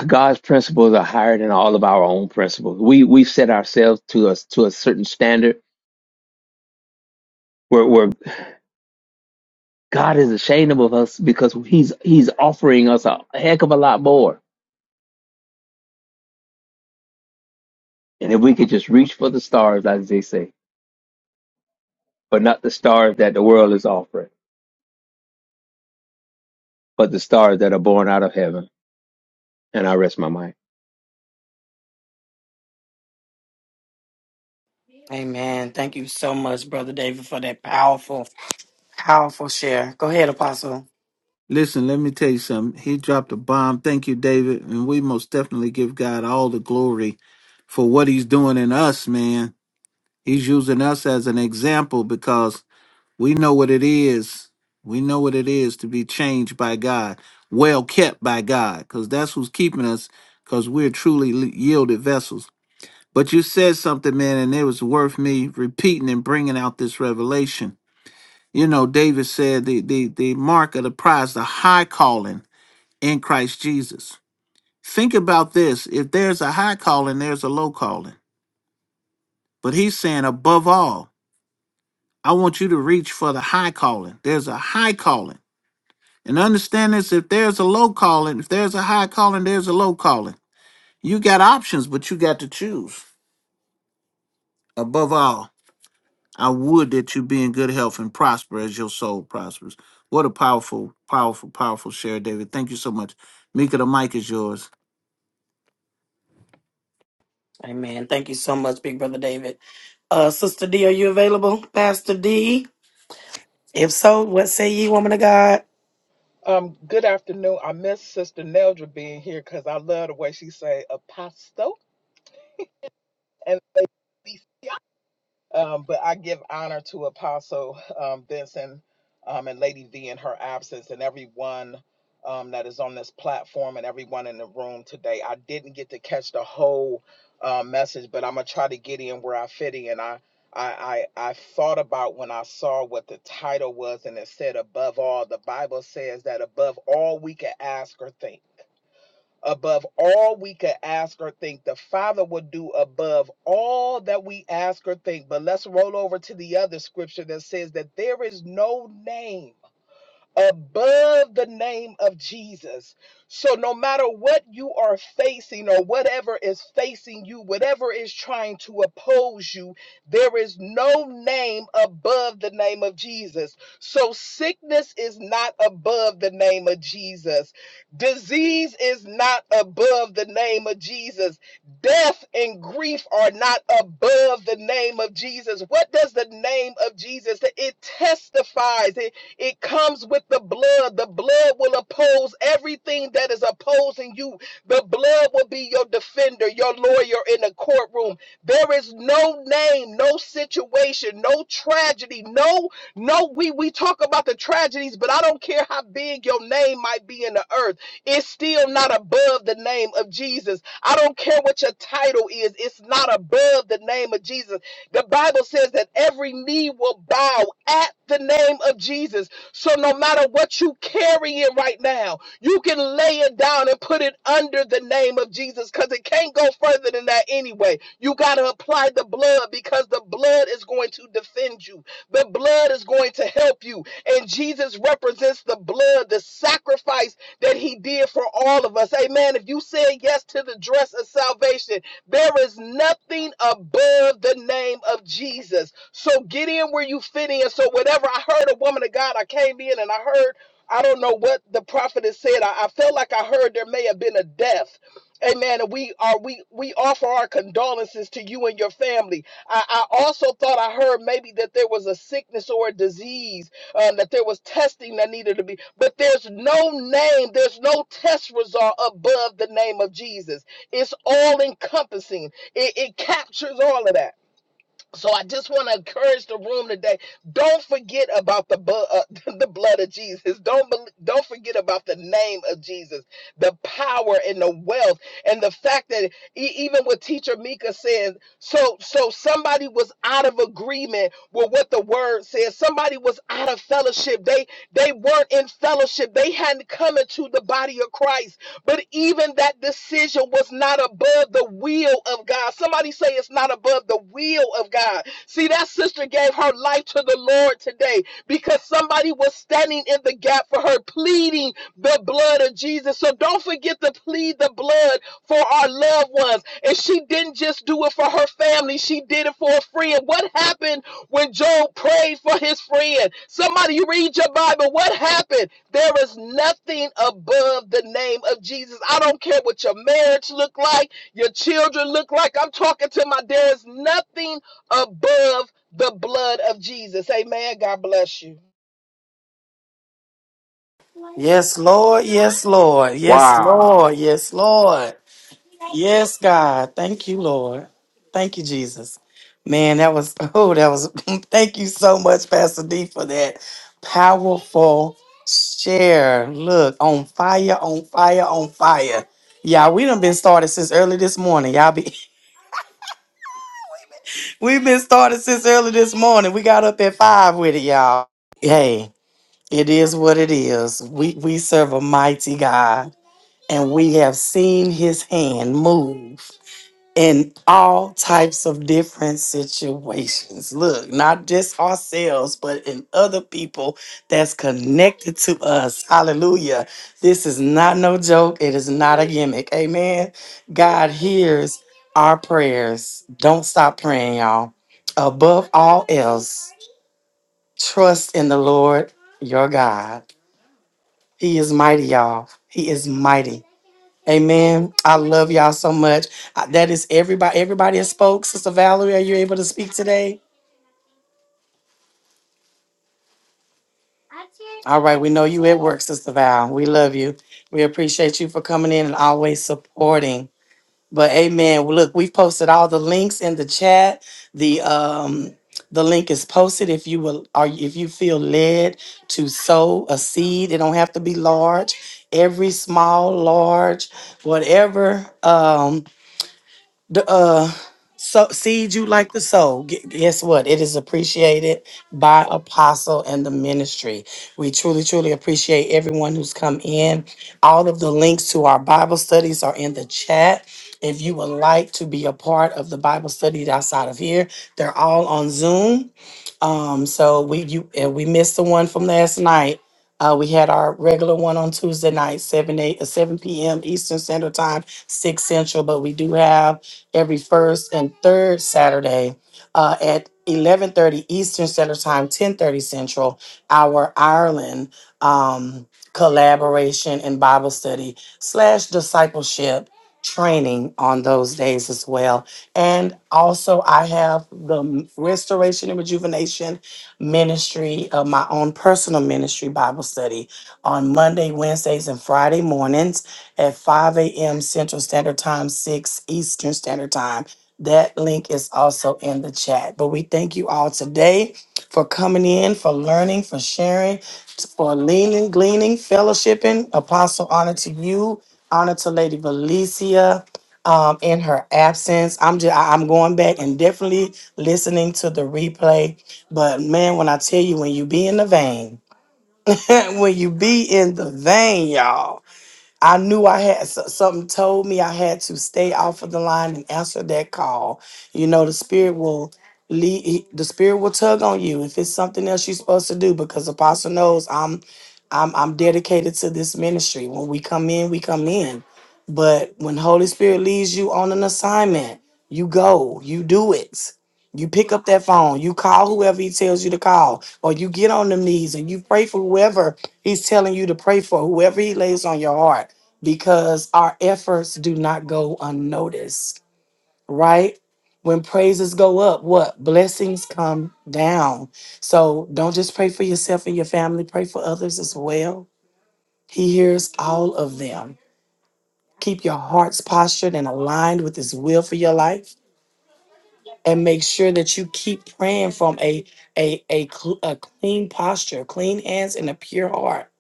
God's principles are higher than all of our own principles. We we set ourselves to us to a certain standard where, where God is ashamed of us because He's He's offering us a heck of a lot more. And if we could just reach for the stars, as they say, but not the stars that the world is offering, but the stars that are born out of heaven. And I rest my mind.
Amen. Thank you so much, Brother David, for that powerful, powerful share. Go ahead, Apostle.
Listen, let me tell you something. He dropped a bomb. Thank you, David. And we most definitely give God all the glory for what he's doing in us, man. He's using us as an example because We know what it is. We know what it is to be changed by God, well kept by God, because that's who's keeping us, because we're truly li- yielded vessels. But you said something, man, and it was worth me repeating and bringing out this revelation. You know, David said the, the, the mark of the prize, the high calling in Christ Jesus. Think about this. If there's a high calling, there's a low calling. But he's saying, above all, I want you to reach for the high calling. There's a high calling And understand this if there's a low calling, if there's a high calling, there's a low calling. You got options, but you got to choose. Above all, I would that you be in good health and prosper as your soul prospers. What a powerful, powerful, powerful share, David. Thank you so much. Mika, the mic is yours.
Amen. Thank you so much, Big Brother David. Uh, Sister D, are you available? Pastor D? If so, what say ye, woman of God?
Um, good afternoon. I miss Sister Neldra being here because I love the way she say apostle and um, but I give honor to Apostle um, Vincent um, and Lady V in her absence, and everyone um, that is on this platform and everyone in the room today. I didn't get to catch the whole uh, message, but I'm gonna try to get in where I fit in. I I, I I thought about when I saw what the title was, and it said above all. The Bible says that above all we can ask or think above all we could ask or think. The Father will do above all that we ask or think. But let's roll over to the other scripture that says that there is no name above the name of Jesus. So, no matter what you are facing or whatever is facing you, whatever is trying to oppose you, there is no name above the name of Jesus. So, sickness is not above the name of Jesus, disease is not above the name of Jesus, death and grief are not above the name of Jesus. What does the name of Jesus? It testifies, It, it comes with the blood. The blood will oppose everything that is opposing you. The blood will be your defender, your lawyer in the courtroom. There is no name, no situation, no tragedy, no no we we talk about the tragedies, but I don't care how big your name might be in the earth. It's still not above the name of Jesus. I don't care what your title is. It's not above the name of Jesus. The Bible says that every knee will bow at the name of Jesus. So no matter what you carrying right now, you can lay it down and put it under the name of Jesus because it can't go further than that anyway. You got to apply the blood because the blood is going to defend you. The blood is going to help you. And Jesus represents the blood, the sacrifice that he did for all of us. Amen. If you said yes to the dress of salvation, there is nothing above the name of Jesus. So get in where you fit in. So whatever I heard a woman of God, I came in and I heard, I don't know what the prophetess said. I, I felt like I heard there may have been a death. Amen. And we are we we offer our condolences to you and your family. I, I also thought I heard maybe that there was a sickness or a disease um, that there was testing that needed to be, but there's no name, there's no test result above the name of Jesus. It's all encompassing, it, it captures all of that. So I just want to encourage the room today. Don't forget about the bu- uh, the blood of Jesus. Don't bel don't forget about the name of Jesus, the power and the wealth, and the fact that e- even what Teacher Mika says. So so somebody was out of agreement with what the word says. Somebody was out of fellowship. They they weren't in fellowship. They hadn't come into the body of Christ. But even that decision was not above the will of God. Somebody say it's not above the will of God. See, that sister gave her life to the Lord today because somebody was standing in the gap for her, pleading the blood of Jesus. So don't forget to plead the blood for our loved ones. And she didn't just do it for her family, she did it for a friend. What happened when Job prayed for his friend? Somebody, you read your Bible. What happened? There is nothing above the name of Jesus. I don't care what your marriage look like, your children look like. I'm talking to my, there is nothing above the blood of Jesus. Amen. God bless you.
Yes, Lord. Yes, Lord. Yes, Lord. Yes, Lord. Yes, God. Thank you, Lord. Thank you, Jesus. Man, that was, oh, that was, thank you so much, Pastor D, for that powerful share. Look, on fire, on fire, on fire. Yeah, we done been started since early this morning. Y'all be, we've been started since early this morning. We got up at five with it, y'all. Hey, it is what it is. We, we serve a mighty God. and we have seen his hand move in all types of different situations. Look, not just ourselves, but in other people that's connected to us. Hallelujah. This is not no joke. It is not a gimmick. Amen. God hears our prayers. Don't stop praying, y'all. Above all else, trust in the Lord your God. He is mighty, y'all. He is mighty. Amen. I love y'all so much. Uh, That is everybody. Everybody has spoke. Sister Valerie, are you able to speak today? All right. We know you at work, Sister Val. We love you. We appreciate you for coming in and always supporting. But amen. Well, Look, we've posted all the links in the chat. The um the link is posted if you will or if you feel led to sow a seed. It don't have to be large. Every small, large, whatever. Um the uh so seed you like to sow gu- guess what it is appreciated by apostle and the ministry we truly truly appreciate everyone who's come in all of the links to our bible studies are in the chat if you would like to be a part of the bible study outside of here they're all on zoom um so we you and we missed the one from last night uh, we had our regular one on Tuesday night, 7 8 uh, 7 p.m. Eastern Standard Time, 6 Central, but we do have every first and third Saturday uh, at 11:30 Eastern Standard Time, 10:30 Central. Our Ireland um, collaboration and Bible study slash discipleship training on those days as well. And also, I have the Restoration and Rejuvenation Ministry, uh, my own personal ministry Bible study on Monday, Wednesdays, and Friday mornings at 5 a.m. Central Standard Time, 6 Eastern Standard Time. That link is also in the chat. But we thank you all today for coming in, for learning, for sharing, for leaning, gleaning, fellowshipping. Apostle, honor to you, honor to Lady Valencia. Um, in her absence, I'm just I'm going back and definitely listening to the replay. But man, when I tell you, when you be in the vein, when you be in the vein, y'all. I knew I had so- something told me I had to stay off of the line and answer that call. You know, the spirit will lead, he- the spirit will tug on you if it's something else you're supposed to do because apostle knows I'm I'm I'm dedicated to this ministry. When we come in, we come in. But when Holy Spirit leads you on an assignment, you go, you do it. You pick up that phone, you call whoever he tells you to call, or you get on the knees and you pray for whoever he's telling you to pray for, whoever he lays on your heart because our efforts do not go unnoticed, right? When praises go up, what? Blessings come down. So don't just pray for yourself and your family, pray for others as well. He hears all of them. Keep your hearts postured and aligned with His will for your life. And make sure that you keep praying from a, a, a, cl- a clean posture, clean hands, and a pure heart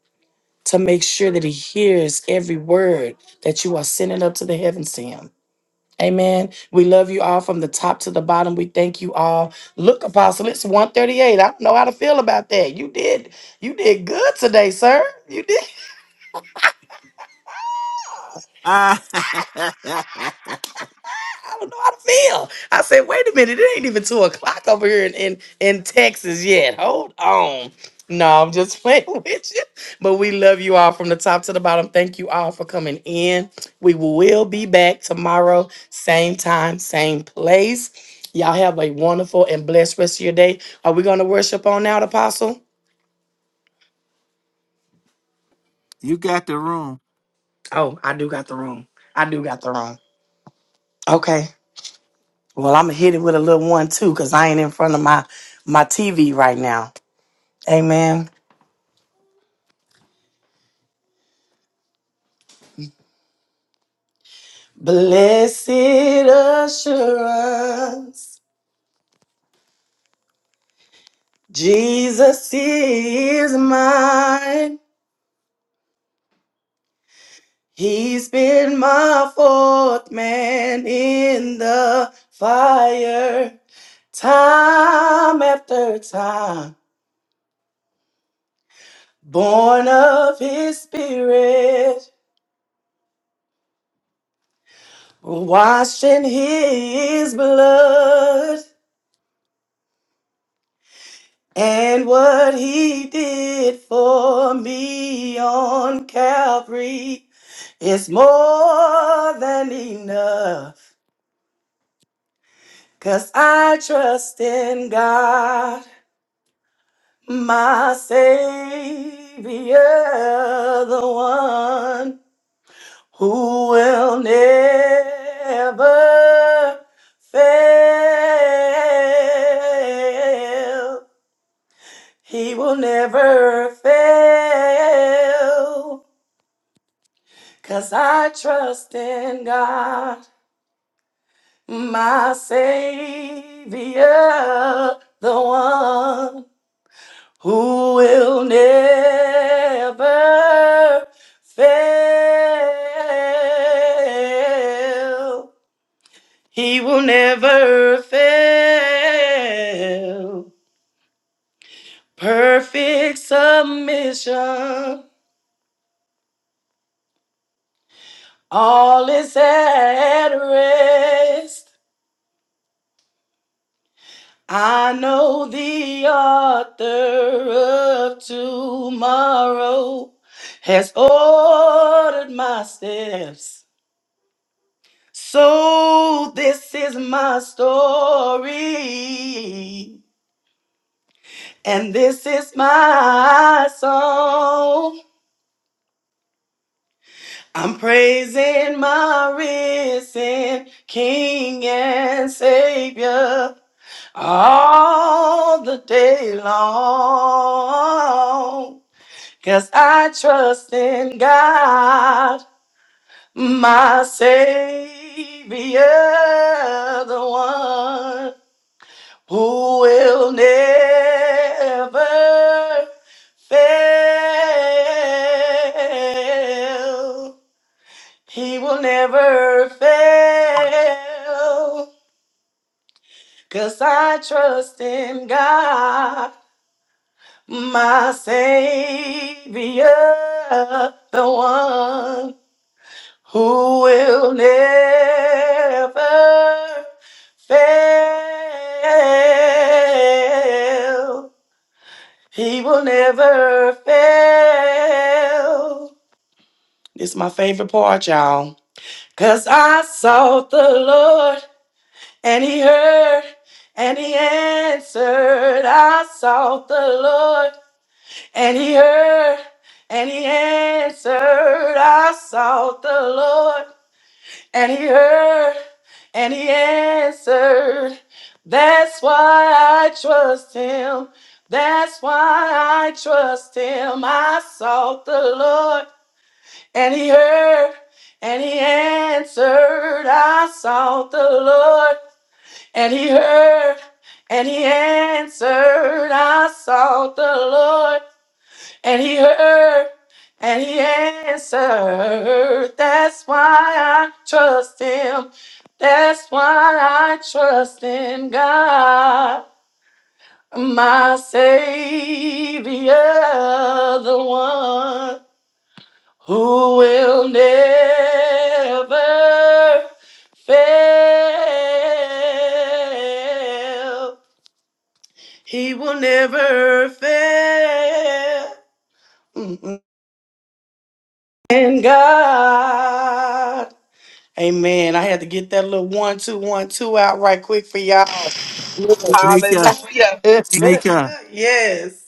to make sure that He hears every word that you are sending up to the heavens to Him Amen. We love you all from the top to the bottom. We thank you all. Look, Apostle, it's 138. I don't know how to feel about that. You did you did good today, sir. You did
Ah,
I don't know how to feel. I said, wait a minute, it ain't even two o'clock over here in, in, in Texas yet. Hold on. No, I'm just playing with you. But we love you all from the top to the bottom. Thank you all for coming in. We will be back tomorrow, same time, same place. Y'all have a wonderful and blessed rest of your day. Are we going to worship on out, Apostle?
you got the room.
Oh, I do got the room. I do got the room. Okay. Well, I'm going to hit it with a little one, too, because I ain't in front of my, my TV right now. Amen. Blessed assurance, Jesus is mine. He's been my fourth man in the fire, time after time. Born of his spirit, washed in his blood. And what he did for me on Calvary is more than enough. Cause I trust in God, my Savior, the one who will never fail. He will never fail. Cause I trust in God, my Savior, the one who will never fail. He will never fail. Perfect submission, all is at rest. I know the author of tomorrow has ordered my steps. So this is my story, and this is my song. I'm praising my risen King and Savior all the day long. Cause I trust in God, my Savior, the one who will never fail. He will never fail. Cause I trust in God, my Savior, the one who will never fail. He will never fail. This is my favorite part, y'all. Cause I sought the Lord and he heard and he answered. I sought the Lord and he heard and he answered. I sought the Lord And he heard and he answered. That's why I trust him. That's why I trust him. I sought the Lord and he heard and he answered. I sought the Lord and he heard and he answered. I sought the Lord and he heard and he answered. That's why I trust him. That's why I trust in God, my Savior, the one who will never fail. He will never fail. Mm-hmm. And God. Amen. I had to get that little one, two, one, two out right quick for y'all.
Mika,
Hallelujah.
Mika,
yes.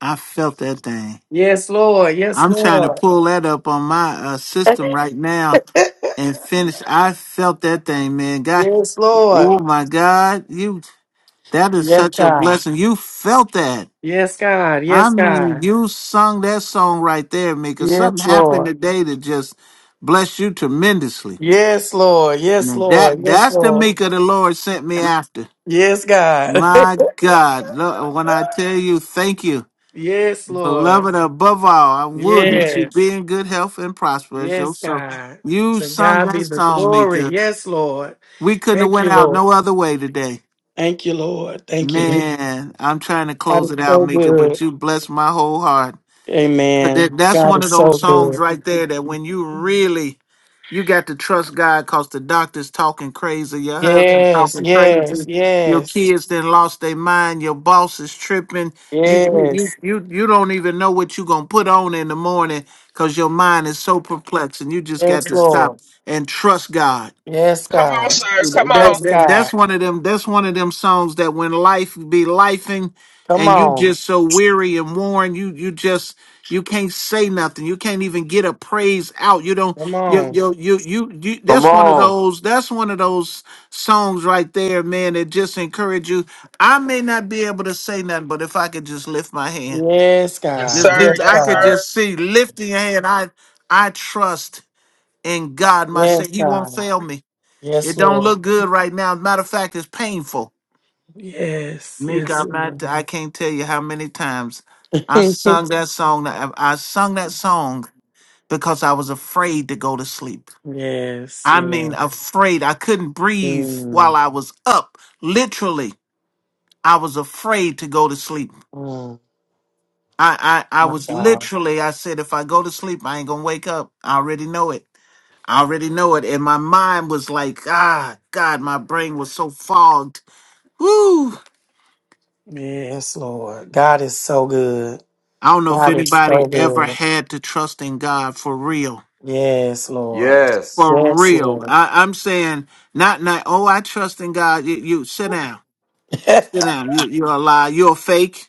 I felt that thing.
Yes, Lord. Yes,
I'm trying to
Lord.
pull that up on my uh, system right now and finish. I felt that thing, man. God,
Yes,
Oh
Lord.
my God, you that is
Yes,
such a
God.
blessing. You felt that.
Yes, God.
I
Yes,
mean,
God.
you sung that song right there, Mika. Something
Yes,
happened
Lord.
today that just blessed you tremendously.
Yes, Lord. Yes,
Now
Lord.
that
Yes,
that's the
Lord.
Mika the Lord sent me after.
Yes, God.
My God, lo- when I tell you thank you,
yes, Lord.
beloved above all, I would that you be
Yes.
in good health and prosper as your
Yes,
soul.
God.
You
So
sung
God be
that
the
song,
glory.
Mika.
Yes, Lord.
We couldn't have
Thank
went
you,
out
Lord.
no other way today.
Thank you, Lord. Thank you. Lord.
Man, I'm trying to
God
close it out, Mika,
is-
but you bless my whole heart. 'Cause
Amen.
that- that's
God
one
is
of
so
those songs
good.
right there that when you really, you got to trust God because the doctor's talking crazy, your husband
Yes,
talking
yes,
crazy, your
yes,
kids then lost their mind, your boss is tripping. You you you
yes,
you, you don't even know what you're gonna put on in the morning because your mind is so perplexed and you just got
yes,
to stop
Lord.
and trust God.
Yes,
Come on,
God.
sir. Come
That,
on.
Yes,
that that's
God.
one of them. That's one of them songs that when life be lifing,
Come
and you
on.
just so weary and worn, you you just you can't say nothing. You can't even get a praise out. You don't.
Come
You
on.
you you you. you
Come
that's one of
on.
those. That's one of those songs right there, man. That just encourage you. I may not be able to say nothing, but if I could just lift my hand,
Yes,
Yes,
God.
just
sir.
just-
Yes,
I
Yes,
could
God.
sir.
just see lifting your hand. I I trust in God. My
Yes,
say He won't
God.
fail me. It
Yes,
don't
Lord.
look good right now. As a matter of fact, it's painful.
Yes,
Mika,
yes,
I'm
Lord.
not. I can't tell you how many times I sung that song. I, I sung that song because I was afraid to go to sleep.
yes,
I
yes.
mean, afraid. I couldn't breathe while
Mm,
I was up. Literally, I was afraid to go to sleep. I, I, I
my
was
God.
literally. I said, if I go to sleep, I ain't gonna wake up. I already know it. I already know it. And my mind was like, ah, God, my brain was so fogged. Woo!
Yes, Lord. God is so good.
I don't know if
God is
anybody
so
ever
good.
had to trust in God for real.
Yes, Lord.
For
Yes,
real.
Lord.
I, I'm saying not not oh I trust in God. You, you sit down. Sit down. You you're a lie. You're a fake.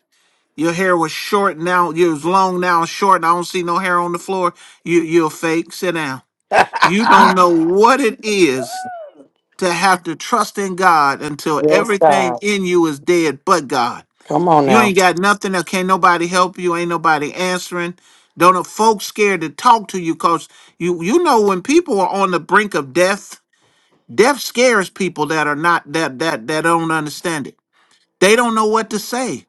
Your hair was short now, you was long now, it's short, and I don't see no hair on the floor. You you're a fake. Sit down. You don't know what it is to have to trust in God until
yes,
everything
God.
in you is dead but God.
Come on
You ain't
now.
got nothing. There can't nobody help you. Ain't nobody answering. Don't know folks scared to talk to you because you you know when people are on the brink of death, death scares people that are not that that that don't understand it. They don't know what to say.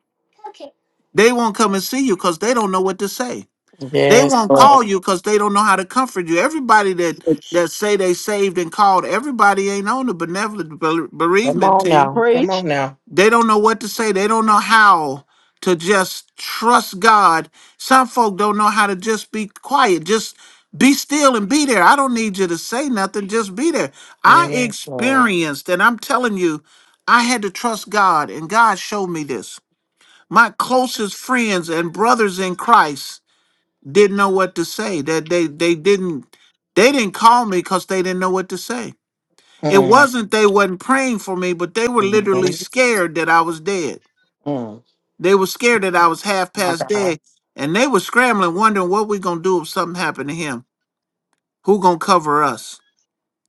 They won't come and see you because they don't know what to say. They
Yes,
won't call
Lord.
you because they don't know how to comfort you. Everybody that that say they saved and called, everybody ain't on the benevolent bere-
Come
bereavement
on
team
now. Come on now.
they don't know what to say. They don't know how to just trust God. Some folk don't know how to just be quiet. Just be still and be there. I don't need you to say nothing. Just be there. I
Yes, Lord.
experienced, and I'm telling you, I had to trust God, and God showed me this. My closest friends and brothers in Christ didn't know what to say. That they they didn't they didn't call me because they didn't know what to say. It
Mm,
wasn't they wasn't praying for me, but they were literally
mm,
scared that I was dead.
mm.
They were scared that I was half
My
past
God.
dead, and they were scrambling, wondering what we gonna do if something happened to him. Who gonna cover us?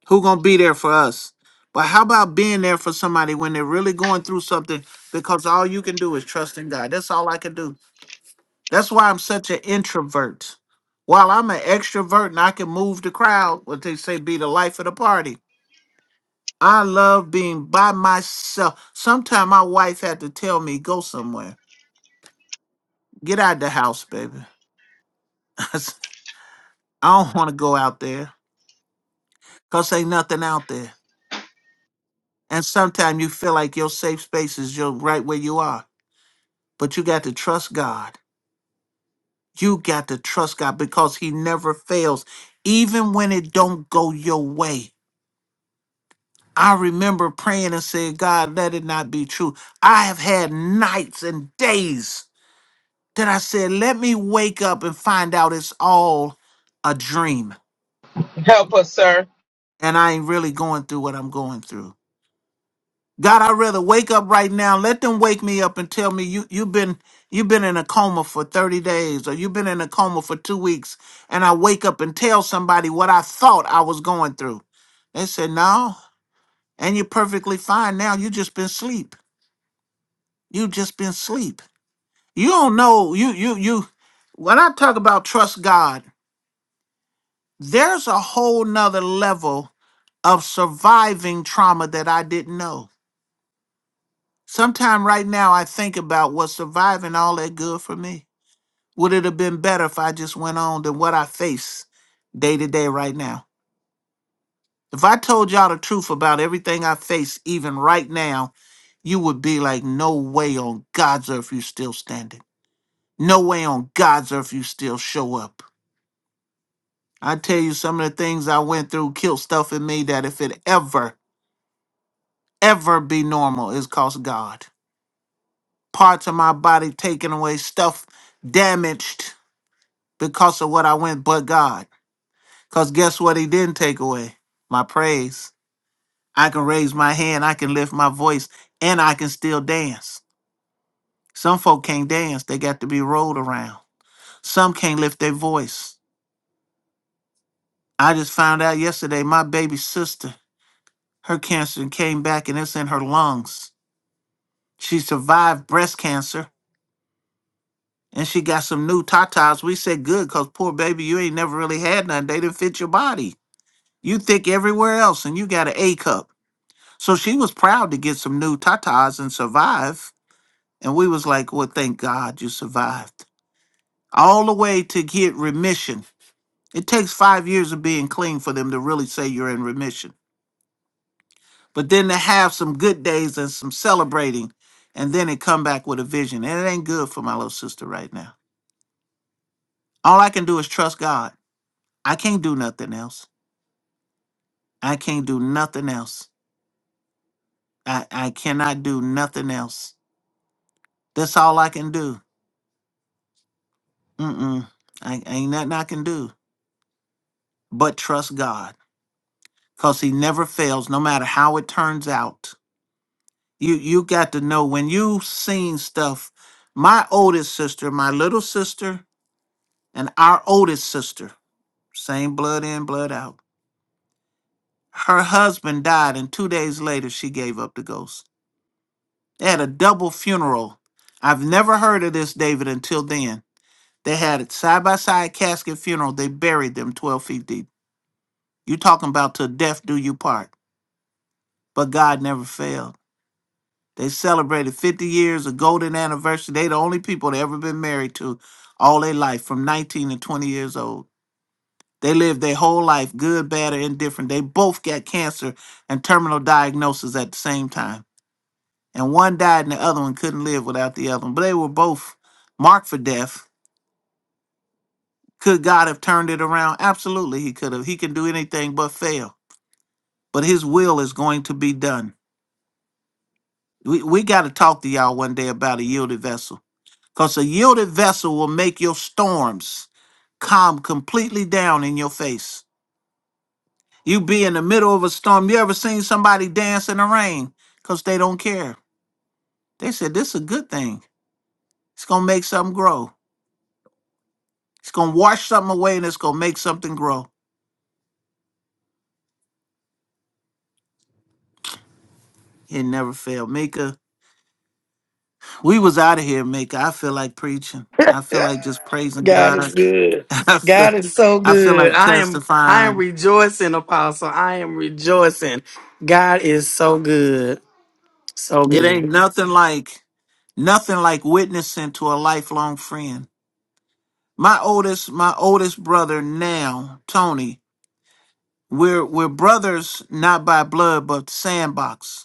Who gonna be there for us? But how about being there for somebody when they're really going through something? Because all you can do is trust in God. That's all I can do. That's why I'm such an introvert. While I'm an extrovert and I can move the crowd, what they say be the life of the party. I love being by myself. Sometimes my wife had to tell me, go somewhere. Get out the house, baby. I don't want to go out there because ain't nothing out there. And sometimes you feel like your safe space is your right where you are. But you got to trust God. You got to trust God because He never fails, even when it don't go your way. I remember praying and saying, God, let it not be true. I have had nights and days that I said, let me wake up and find out it's all a dream.
Help us, sir.
And I ain't really going through what I'm going through. God, I'd rather wake up right now. Let them wake me up and tell me you you've been you've been in a coma for 30 days or you've been in a coma for two weeks. And I wake up and tell somebody what I thought I was going through. They said, No, and you're perfectly fine now. You just been sleep. You just been sleep. You don't know. You you you when I talk about trust God, there's a whole nother level of surviving trauma that I didn't know Sometime right now, I think about was surviving all that good for me. Would it have been better if I just went on than what I face day to day right now? If I told y'all the truth about everything I face, even right now, you would be like, no way on God's earth you still standing. No way on God's earth you still show up. I tell you, some of the things I went through killed stuff in me that if it ever, ever be normal, is cost God. Parts of my body taken away, stuff damaged because of what I went but God. Because guess what he didn't take away? My praise. I can raise my hand, I can lift my voice, and I can still dance. Some folk can't dance, they got to be rolled around. Some can't lift their voice. I just found out yesterday my baby sister, her cancer came back and it's in her lungs. She survived breast cancer and she got some new tatas. We said good because poor baby, you ain't never really had none. They didn't fit your body. You thick everywhere else and you got an A cup. So she was proud to get some new tatas and survive. And we was like, well, thank God you survived. All the way to get remission. It takes five years of being clean for them to really say you're in remission. But then to have some good days and some celebrating, and then it come back with a vision. And it ain't good for my little sister right now. All I can do is trust God. I can't do nothing else. I can't do nothing else. I, I cannot do nothing else. That's all I can do. Mm-mm. I, ain't nothing I can do. but trust God because he never fails no matter how it turns out. You you got to know when you've seen stuff. My oldest sister, my little sister, and our oldest sister, same blood in, blood out. Her husband died, and two days later, she gave up the ghost. They had a double funeral. I've never heard of this, David, until then. They had it side by side casket funeral. They buried them 12 feet deep. You talking about till death do you part, but God never failed. They celebrated 50 years, a golden anniversary. They the only people they ever been married to all their life, from 19 to 20 years old. They lived their whole life, good, bad, or indifferent. They both got cancer and terminal diagnosis at the same time. And one died and the other one couldn't live without the other one. But they were both marked for death. Could God have turned it around? Absolutely, he could have. He can do anything but fail. But his will is going to be done. We, we got to talk to y'all one day about a yielded vessel Because a yielded vessel will make your storms calm completely down in your face. You be in the middle of a storm. You ever seen somebody dance in the rain? Because they don't care. They said, This is a good thing. It's going to make something grow. It's going to wash something away and it's going to make something grow. It never failed. Mika, we was out of here, Mika. I feel like preaching. I feel like just praising
God
God.
is good.
I feel,
God is so
I feel
good.
like
I am I am
testifying.
rejoicing, Apostle. I am rejoicing. God is so good. So
It ain't
good.
nothing like nothing like witnessing to a lifelong friend. My oldest, my oldest brother now, Tony. We're we're brothers not by blood but sandbox.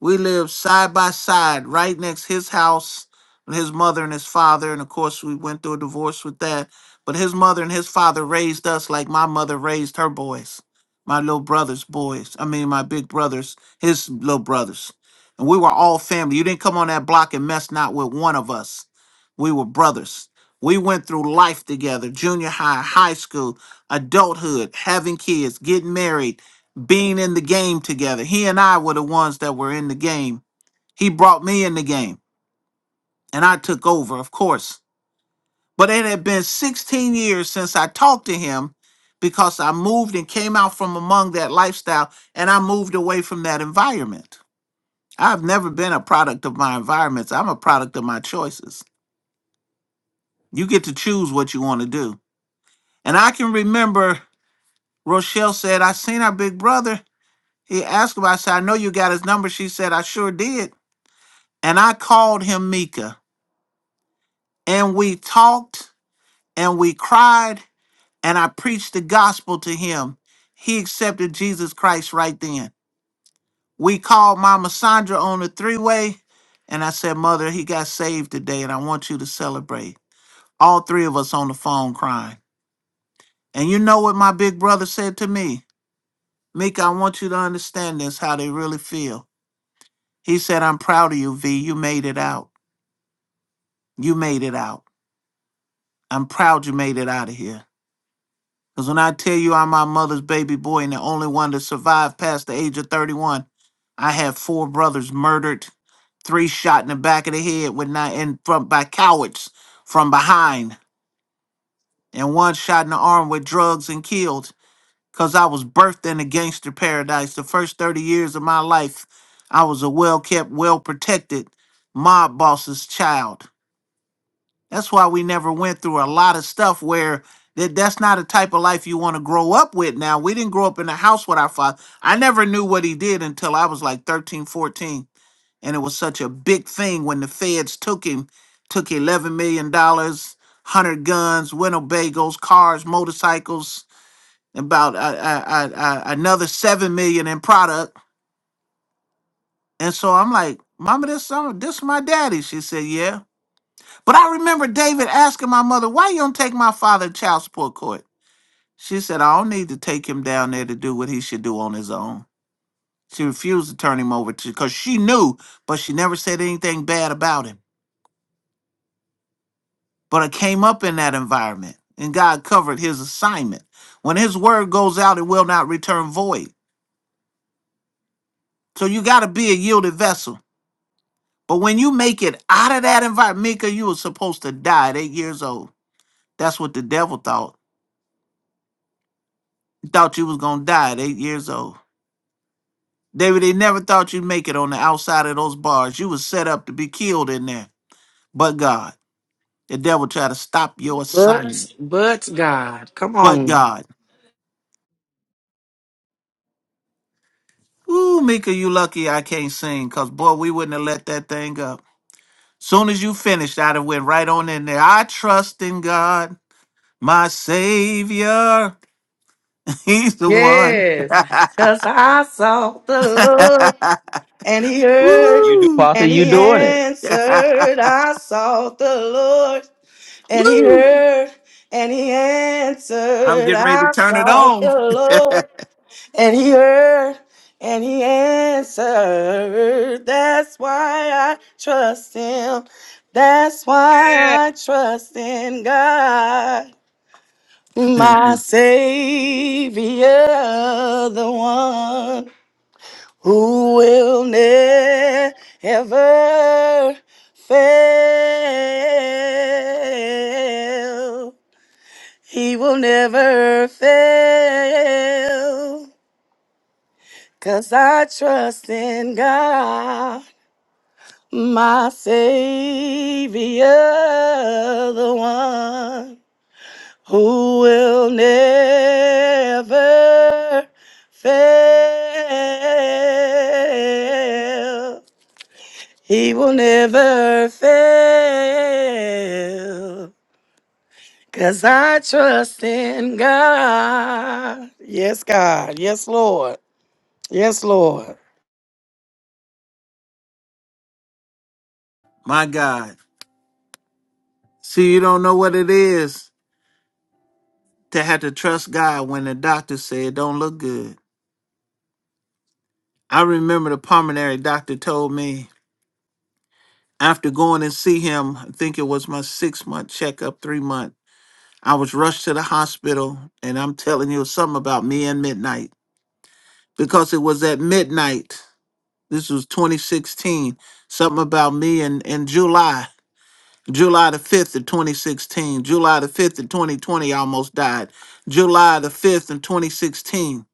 We lived side by side, right next his house and his mother and his father. And of course, we went through a divorce with that. But his mother and his father raised us like my mother raised her boys, my little brother's boys. I mean, my big brother's, his little brothers. And we were all family. You didn't come on that block and mess not with one of us. We were brothers. We went through life together junior high, high school, adulthood, having kids, getting married, being in the game together. He and I were the ones that were in the game. He brought me in the game and I took over, of course. But it had been 16 years since I talked to him because I moved and came out from among that lifestyle and I moved away from that environment. I've never been a product of my environments, I'm a product of my choices. You get to choose what you want to do. And I can remember Rochelle said, I seen our big brother. He asked about, I said, I know you got his number. She said, I sure did. and I called him Mika, and we talked and we cried, and I preached the gospel to him. He accepted Jesus Christ right then. We called Mama Sandra on the three way, and I said, Mother, he got saved today, and I want you to celebrate. All three of us on the phone crying. And you know what my big brother said to me? Mika, I want you to understand this, how they really feel. He said, I'm proud of you, V. You made it out. You made it out. I'm proud you made it out of here. Because when I tell you I'm my mother's baby boy and the only one to survive past the age of 31, I had four brothers murdered, three shot in the back of the head with not in front by cowards from behind, and one shot in the arm with drugs and killed. Cause I was birthed in a gangster paradise. The first 30 years of my life, I was a well kept, well protected mob boss's child. That's why we never went through a lot of stuff where that that's not a type of life you want to grow up with now. We didn't grow up in a house with our father. I never knew what he did until I was like 13, 14, And it was such a big thing when the feds took him, took eleven million dollars, one hundred guns, Winnebagos, cars, motorcycles, about uh, uh, uh, uh, another seven million in product. And so I'm like, Mama, this uh, this is my daddy. She said, Yeah. But I remember David asking my mother, why you don't take my father to child support court? She said, I don't need to take him down there to do what he should do on his own. She refused to turn him over to because she knew, but she never said anything bad about him. But I came up in that environment and God covered his assignment. When his word goes out, it will not return void. So you gotta be a yielded vessel. But when you make it out of that environment, Mika, you were supposed to die at eight years old. That's what the devil thought. He thought you was gonna die at eight years old. David, they never thought you'd make it on the outside of those bars. You was set up to be killed in there. But God, the devil tried to stop your assignment.
But but God. Come
But
on.
God. Ooh, Mika, you lucky I can't sing, because boy, we wouldn't have let that thing up. Soon as you finished, I'd have went right on in there. I trust in God, my Savior. He's the one.
Yes. Because I saw the Lord. And he heard
You do,
Woo!
Pastor.
and
You
he
doing it?
answered, I sought the Lord. And he
Woo!
heard and he
I'm
answered,
getting ready to
I
turn it
sought
on.
the Lord. And he heard and he answered, That's why I trust him. That's why I trust in God, my Savior, the one who will never fail. He will never fail, 'cause I trust in God, my Savior, the one who will never fail. He will never fail. Cause I trust in God. Yes, God. Yes, Lord. Yes, Lord.
my God. See, you don't know what it is. to have to trust God when the doctor said it don't look good. I remember the pulmonary doctor told me after going and see him, I think it was my six month checkup, three month. I was rushed to the hospital, and I'm telling you something about me and midnight because it was at midnight. This was 2016. Something about me in, in July, July the 5th of 2016, July the 5th of 2020, I almost died. July the 5th of 2016.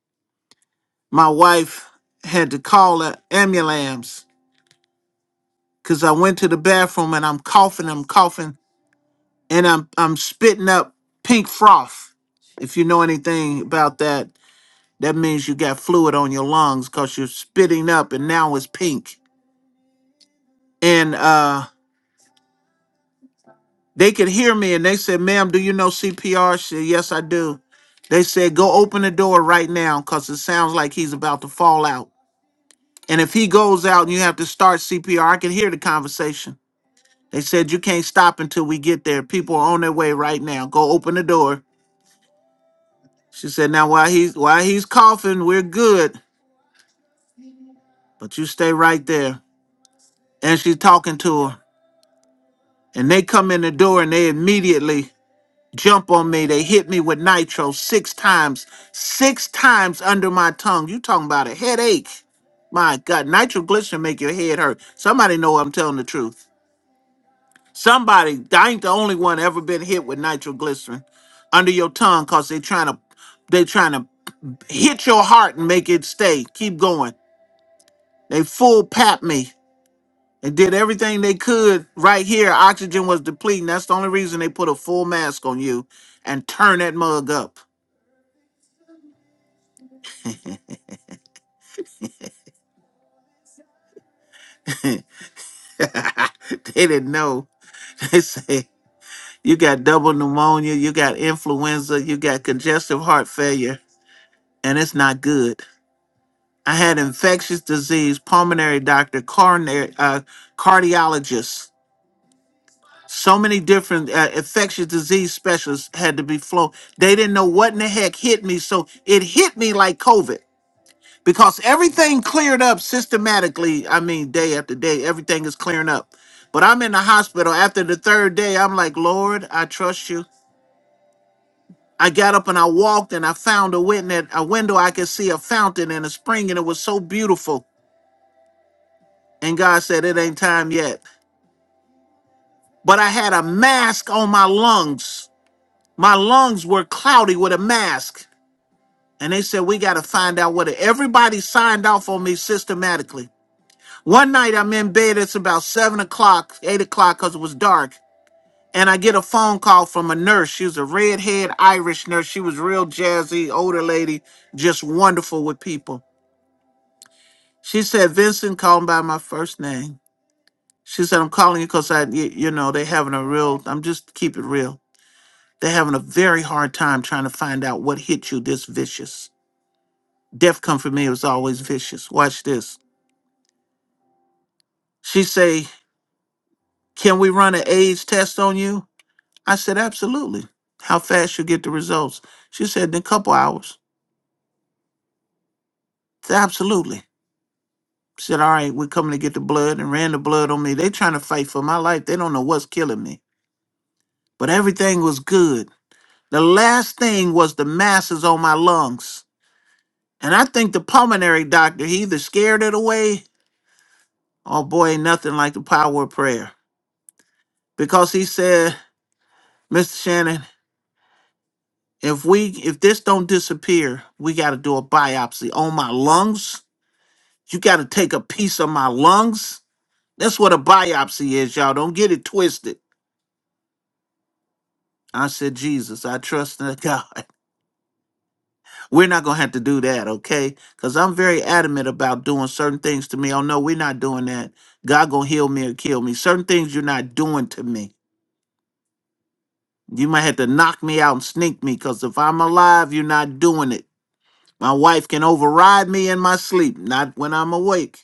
my wife had to call an ambulance because I went to the bathroom and I'm coughing, I'm coughing, and I'm I'm spitting up pink froth. If you know anything about that, that means you got fluid on your lungs because you're spitting up and now it's pink. And uh, they could hear me and they said, ma'am, do you know CPR? She said, yes, I do. They said, go open the door right now because it sounds like he's about to fall out. And if he goes out and you have to start CPR, I can hear the conversation They said you can't stop until we get there. People are on their way right now. Go open the door. She said, now while he's while he's coughing, we're good. But you stay right there. And she's talking to her. And they come in the door and they immediately jump on me. They hit me with nitro six times. Six times under my tongue. You talking about a headache. My God, nitroglycerin make your head hurt. Somebody know I'm telling the truth. Somebody, I ain't the only one ever been hit with nitroglycerin under your tongue because they trying to they trying to hit your heart and make it stay. Keep going. They full pat me. They did everything they could right here. Oxygen was depleting. That's the only reason they put a full mask on you and turn that mug up. they didn't know. They say you got double pneumonia, you got influenza, you got congestive heart failure, and it's not good. I had infectious disease, pulmonary doctor, coronary, uh, cardiologist. So many different uh, infectious disease specialists had to be flown. They didn't know what in the heck hit me, so it hit me like COVID because everything cleared up systematically. I mean, day after day, everything is clearing up. But I'm in the hospital after the third day. I'm like, Lord, I trust you. I got up and I walked and I found a window. A window I could see a fountain and a spring, and it was so beautiful. And God said, It ain't time yet. but I had a mask on my lungs. My lungs were cloudy with a mask. And they said, We got to find out what it Everybody signed off on me systematically. One night I'm in bed, it's about seven o'clock, eight o'clock, because it was dark. And I get a phone call from a nurse. She was a redhead Irish nurse. She was real jazzy, older lady, just wonderful with people. She said, Vincent, call me by my first name. She said, I'm calling you because I, you, you know, they having a real, I'm just keep it real. They're having a very hard time trying to find out what hit you this vicious. Death come for me, it was always vicious. Watch this. She say, Can we run an AIDS test on you? I said, Absolutely. How fast you get the results? She said, In a couple hours. I said, Absolutely. Said, All right, we're coming to get the blood and ran the blood on me. They trying to fight for my life. They don't know what's killing me. But everything was good. The last thing was the masses on my lungs. And I think the pulmonary doctor, he either scared it away Oh boy, ain't nothing like the power of prayer. Because he said, Mr. Shannon, if we if this don't disappear, we gotta do a biopsy on my lungs. You gotta take a piece of my lungs. That's what a biopsy is, y'all. Don't get it twisted. I said, Jesus, I trust in God. We're not gonna have to do that, okay? Because I'm very adamant about doing certain things to me. Oh no, we're not doing that. God gonna heal me or kill me. Certain things you're not doing to me. You might have to knock me out and sneak me, because if I'm alive, you're not doing it. My wife can override me in my sleep, not when I'm awake.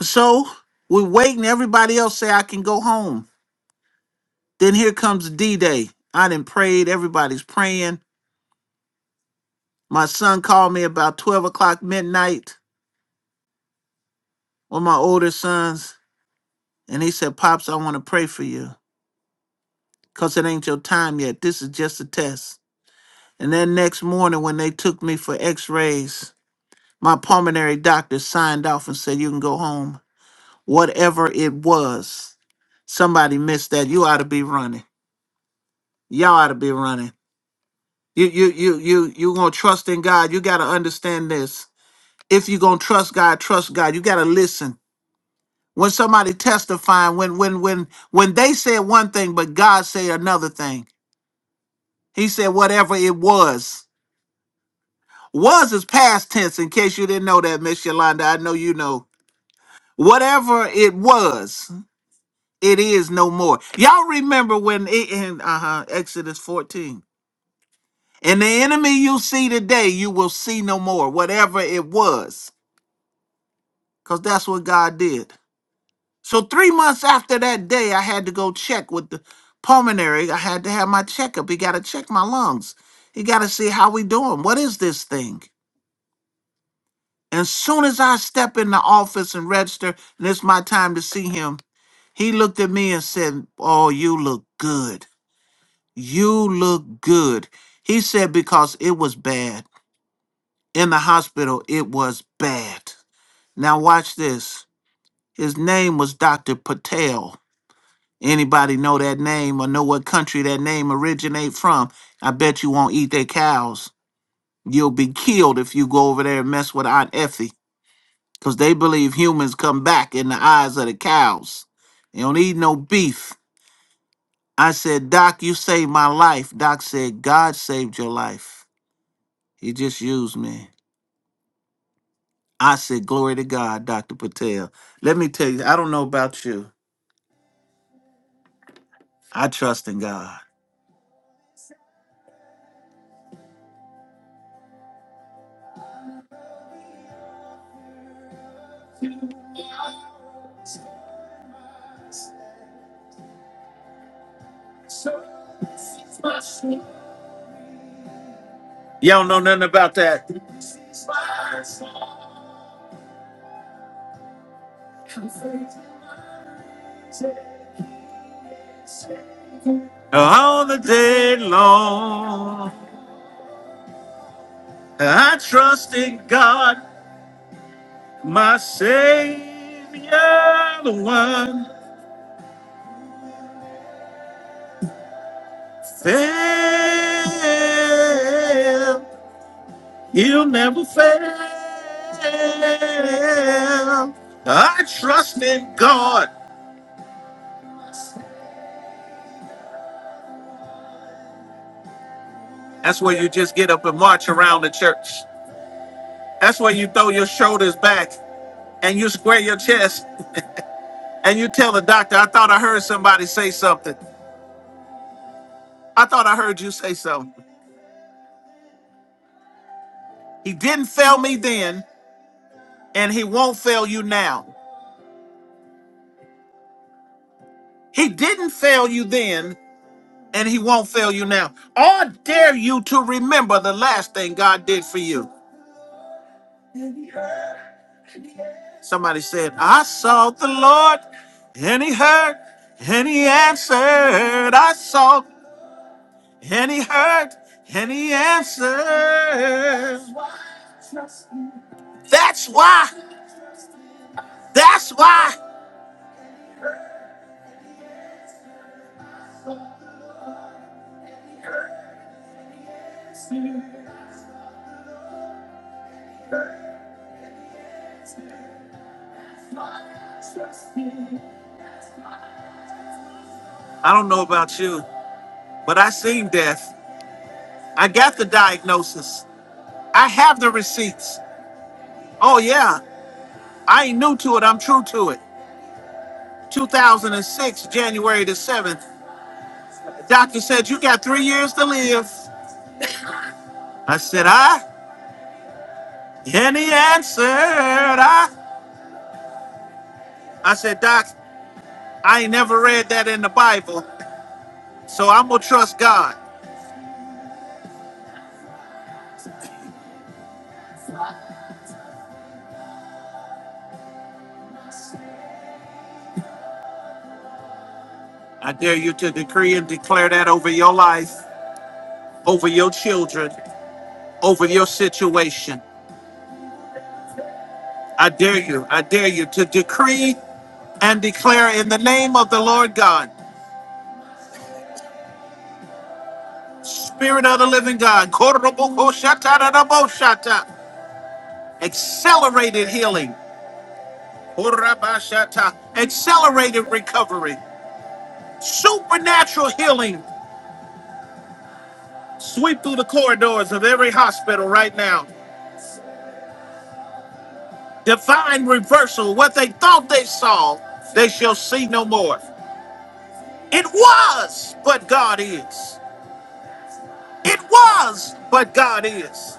So we're waiting. Everybody else say I can go home. Then here comes D-Day. I done prayed. Everybody's praying. My son called me about 12 o'clock midnight, one of my older sons, and he said, Pops, I want to pray for you, because it ain't your time yet. This is just a test. And then next morning when they took me for x-rays, My pulmonary doctor signed off and said, You can go home. Whatever it was, somebody missed that. You ought to be running. Y'all ought to be running. You you you you you gonna trust in God. You gotta understand this. If you gonna trust God, trust God. You gotta listen. When somebody testifying, when when when when they said one thing, but God said another thing. He said whatever it was. Was is past tense, in case you didn't know that, Miss Yolanda. I know you know. Whatever it was. it is no more. Y'all remember when it in uh Exodus 14. And the enemy you see today, you will see no more, whatever it was, because that's what God did. So three months after that day, I had to go check with the pulmonary. I had to have my checkup. He got to check my lungs. He got to see how we doing. What is this thing? And soon as I step in the office and register, and it's my time to see him, he looked at me and said, "Oh, you look good." You look good. He said, Because it was bad. In the hospital, it was bad. Now, watch this. His name was Dr. Patel. Anybody know that name or know what country that name originate from? I bet you won't eat their cows. You'll be killed if you go over there and mess with Aunt Effie, 'cause they believe humans come back in the eyes of the cows. They don't eat no beef. I said, Doc, you saved my life. Doc said, God saved your life. He just used me. I said, Glory to God, Dr. Patel. Let me tell you, I don't know about you. I trust in God. Y'all know nothing about that. All the day long, I trust in God, my Savior, the one fail. He'll never fail. I trust in God. That's where you just get up and march around the church. That's where you throw your shoulders back and you square your chest and you tell the doctor, I thought I heard somebody say something. I thought I heard you say something. He didn't fail me then and he won't fail you now. He didn't fail you then and he won't fail you now. Or dare you to remember the last thing God did for you. Somebody said, I sought the Lord and he heard and he answered. I sought. And he heard and he answered. That's why. That's why. I don't know about you, but I seen death. I got the diagnosis. I have the receipts. Oh yeah, I ain't new to it. I'm true to it. 2006, January the 7th. Doctor said you got three years to live. I said I, and he answered I. I said Doc, I ain't never read that in the Bible. So I'm going to trust God. I dare you to decree and declare that over your life, over your children, over your situation. I dare you. I dare you to decree and declare in the name of the Lord God, Spirit of the living God, korobokoshatadadaboshata, accelerated healing, korabashata, accelerated recovery, supernatural healing. Sweep through the corridors of every hospital right now. divine reversal. What they thought they saw, they shall see no more. It was, but God is. It was, but God is.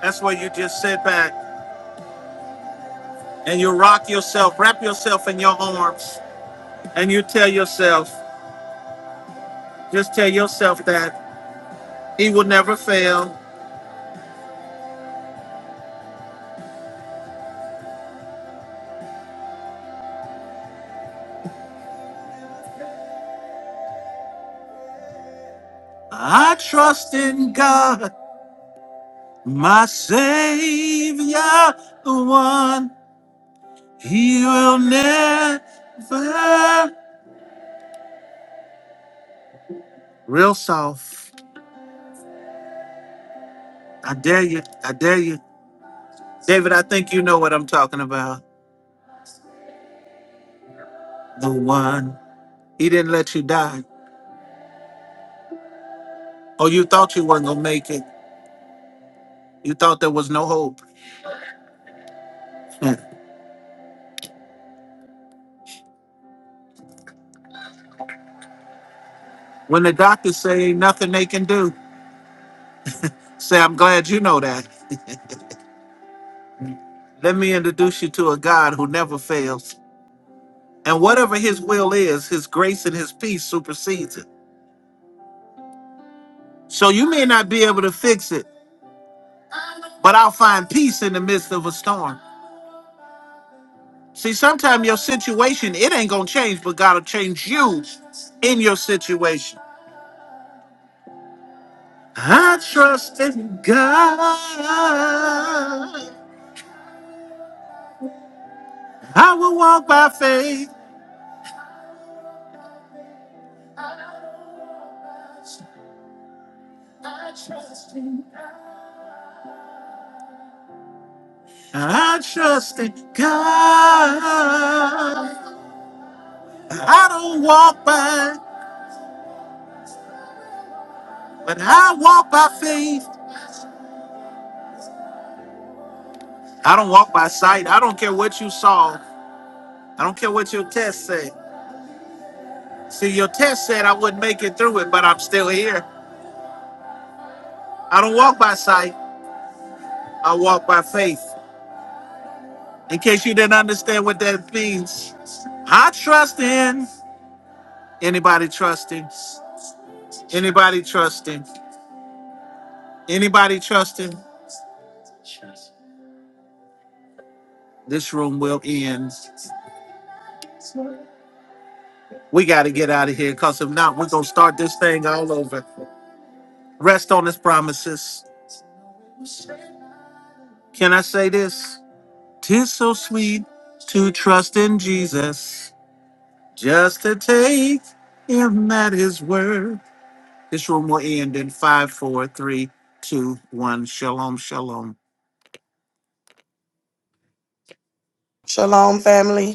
That's where you just sit back and you rock yourself, wrap yourself in your arms, and you tell yourself, just tell yourself that He will never fail. I trust in God, my Savior, the one He will never. Real soft. I dare you. I dare you. David, I think you know what I'm talking about. The one. He didn't let you die. Oh, you thought you weren't going to make it. You thought there was no hope. when the doctors say ain't nothing they can do, say, I'm glad you know that. Let me introduce you to a God who never fails. And whatever his will is, his grace and his peace supersedes it. So you may not be able to fix it, but I'll find peace in the midst of a storm. See, sometimes your situation, it ain't gonna change, but God'll change you in your situation. I trust in God. I will walk by faith. I trust in God. I don't walk by, but I walk by faith. I don't walk by sight. I don't care what you saw. I don't care what your test said. See, your test said I wouldn't make it through it, but I'm still here. I don't walk by sight. I walk by faith. In case you didn't understand what that means, I trust in anybody trusting, anybody trusting, anybody trusting. This room will end. We got to get out of here because if not, we're going to start this thing all over. Rest on his promises. Can I say this? Tis so sweet to trust in Jesus, just to take him at his word. This room will end in five, four, three, two, one. Shalom, shalom.
Shalom, family.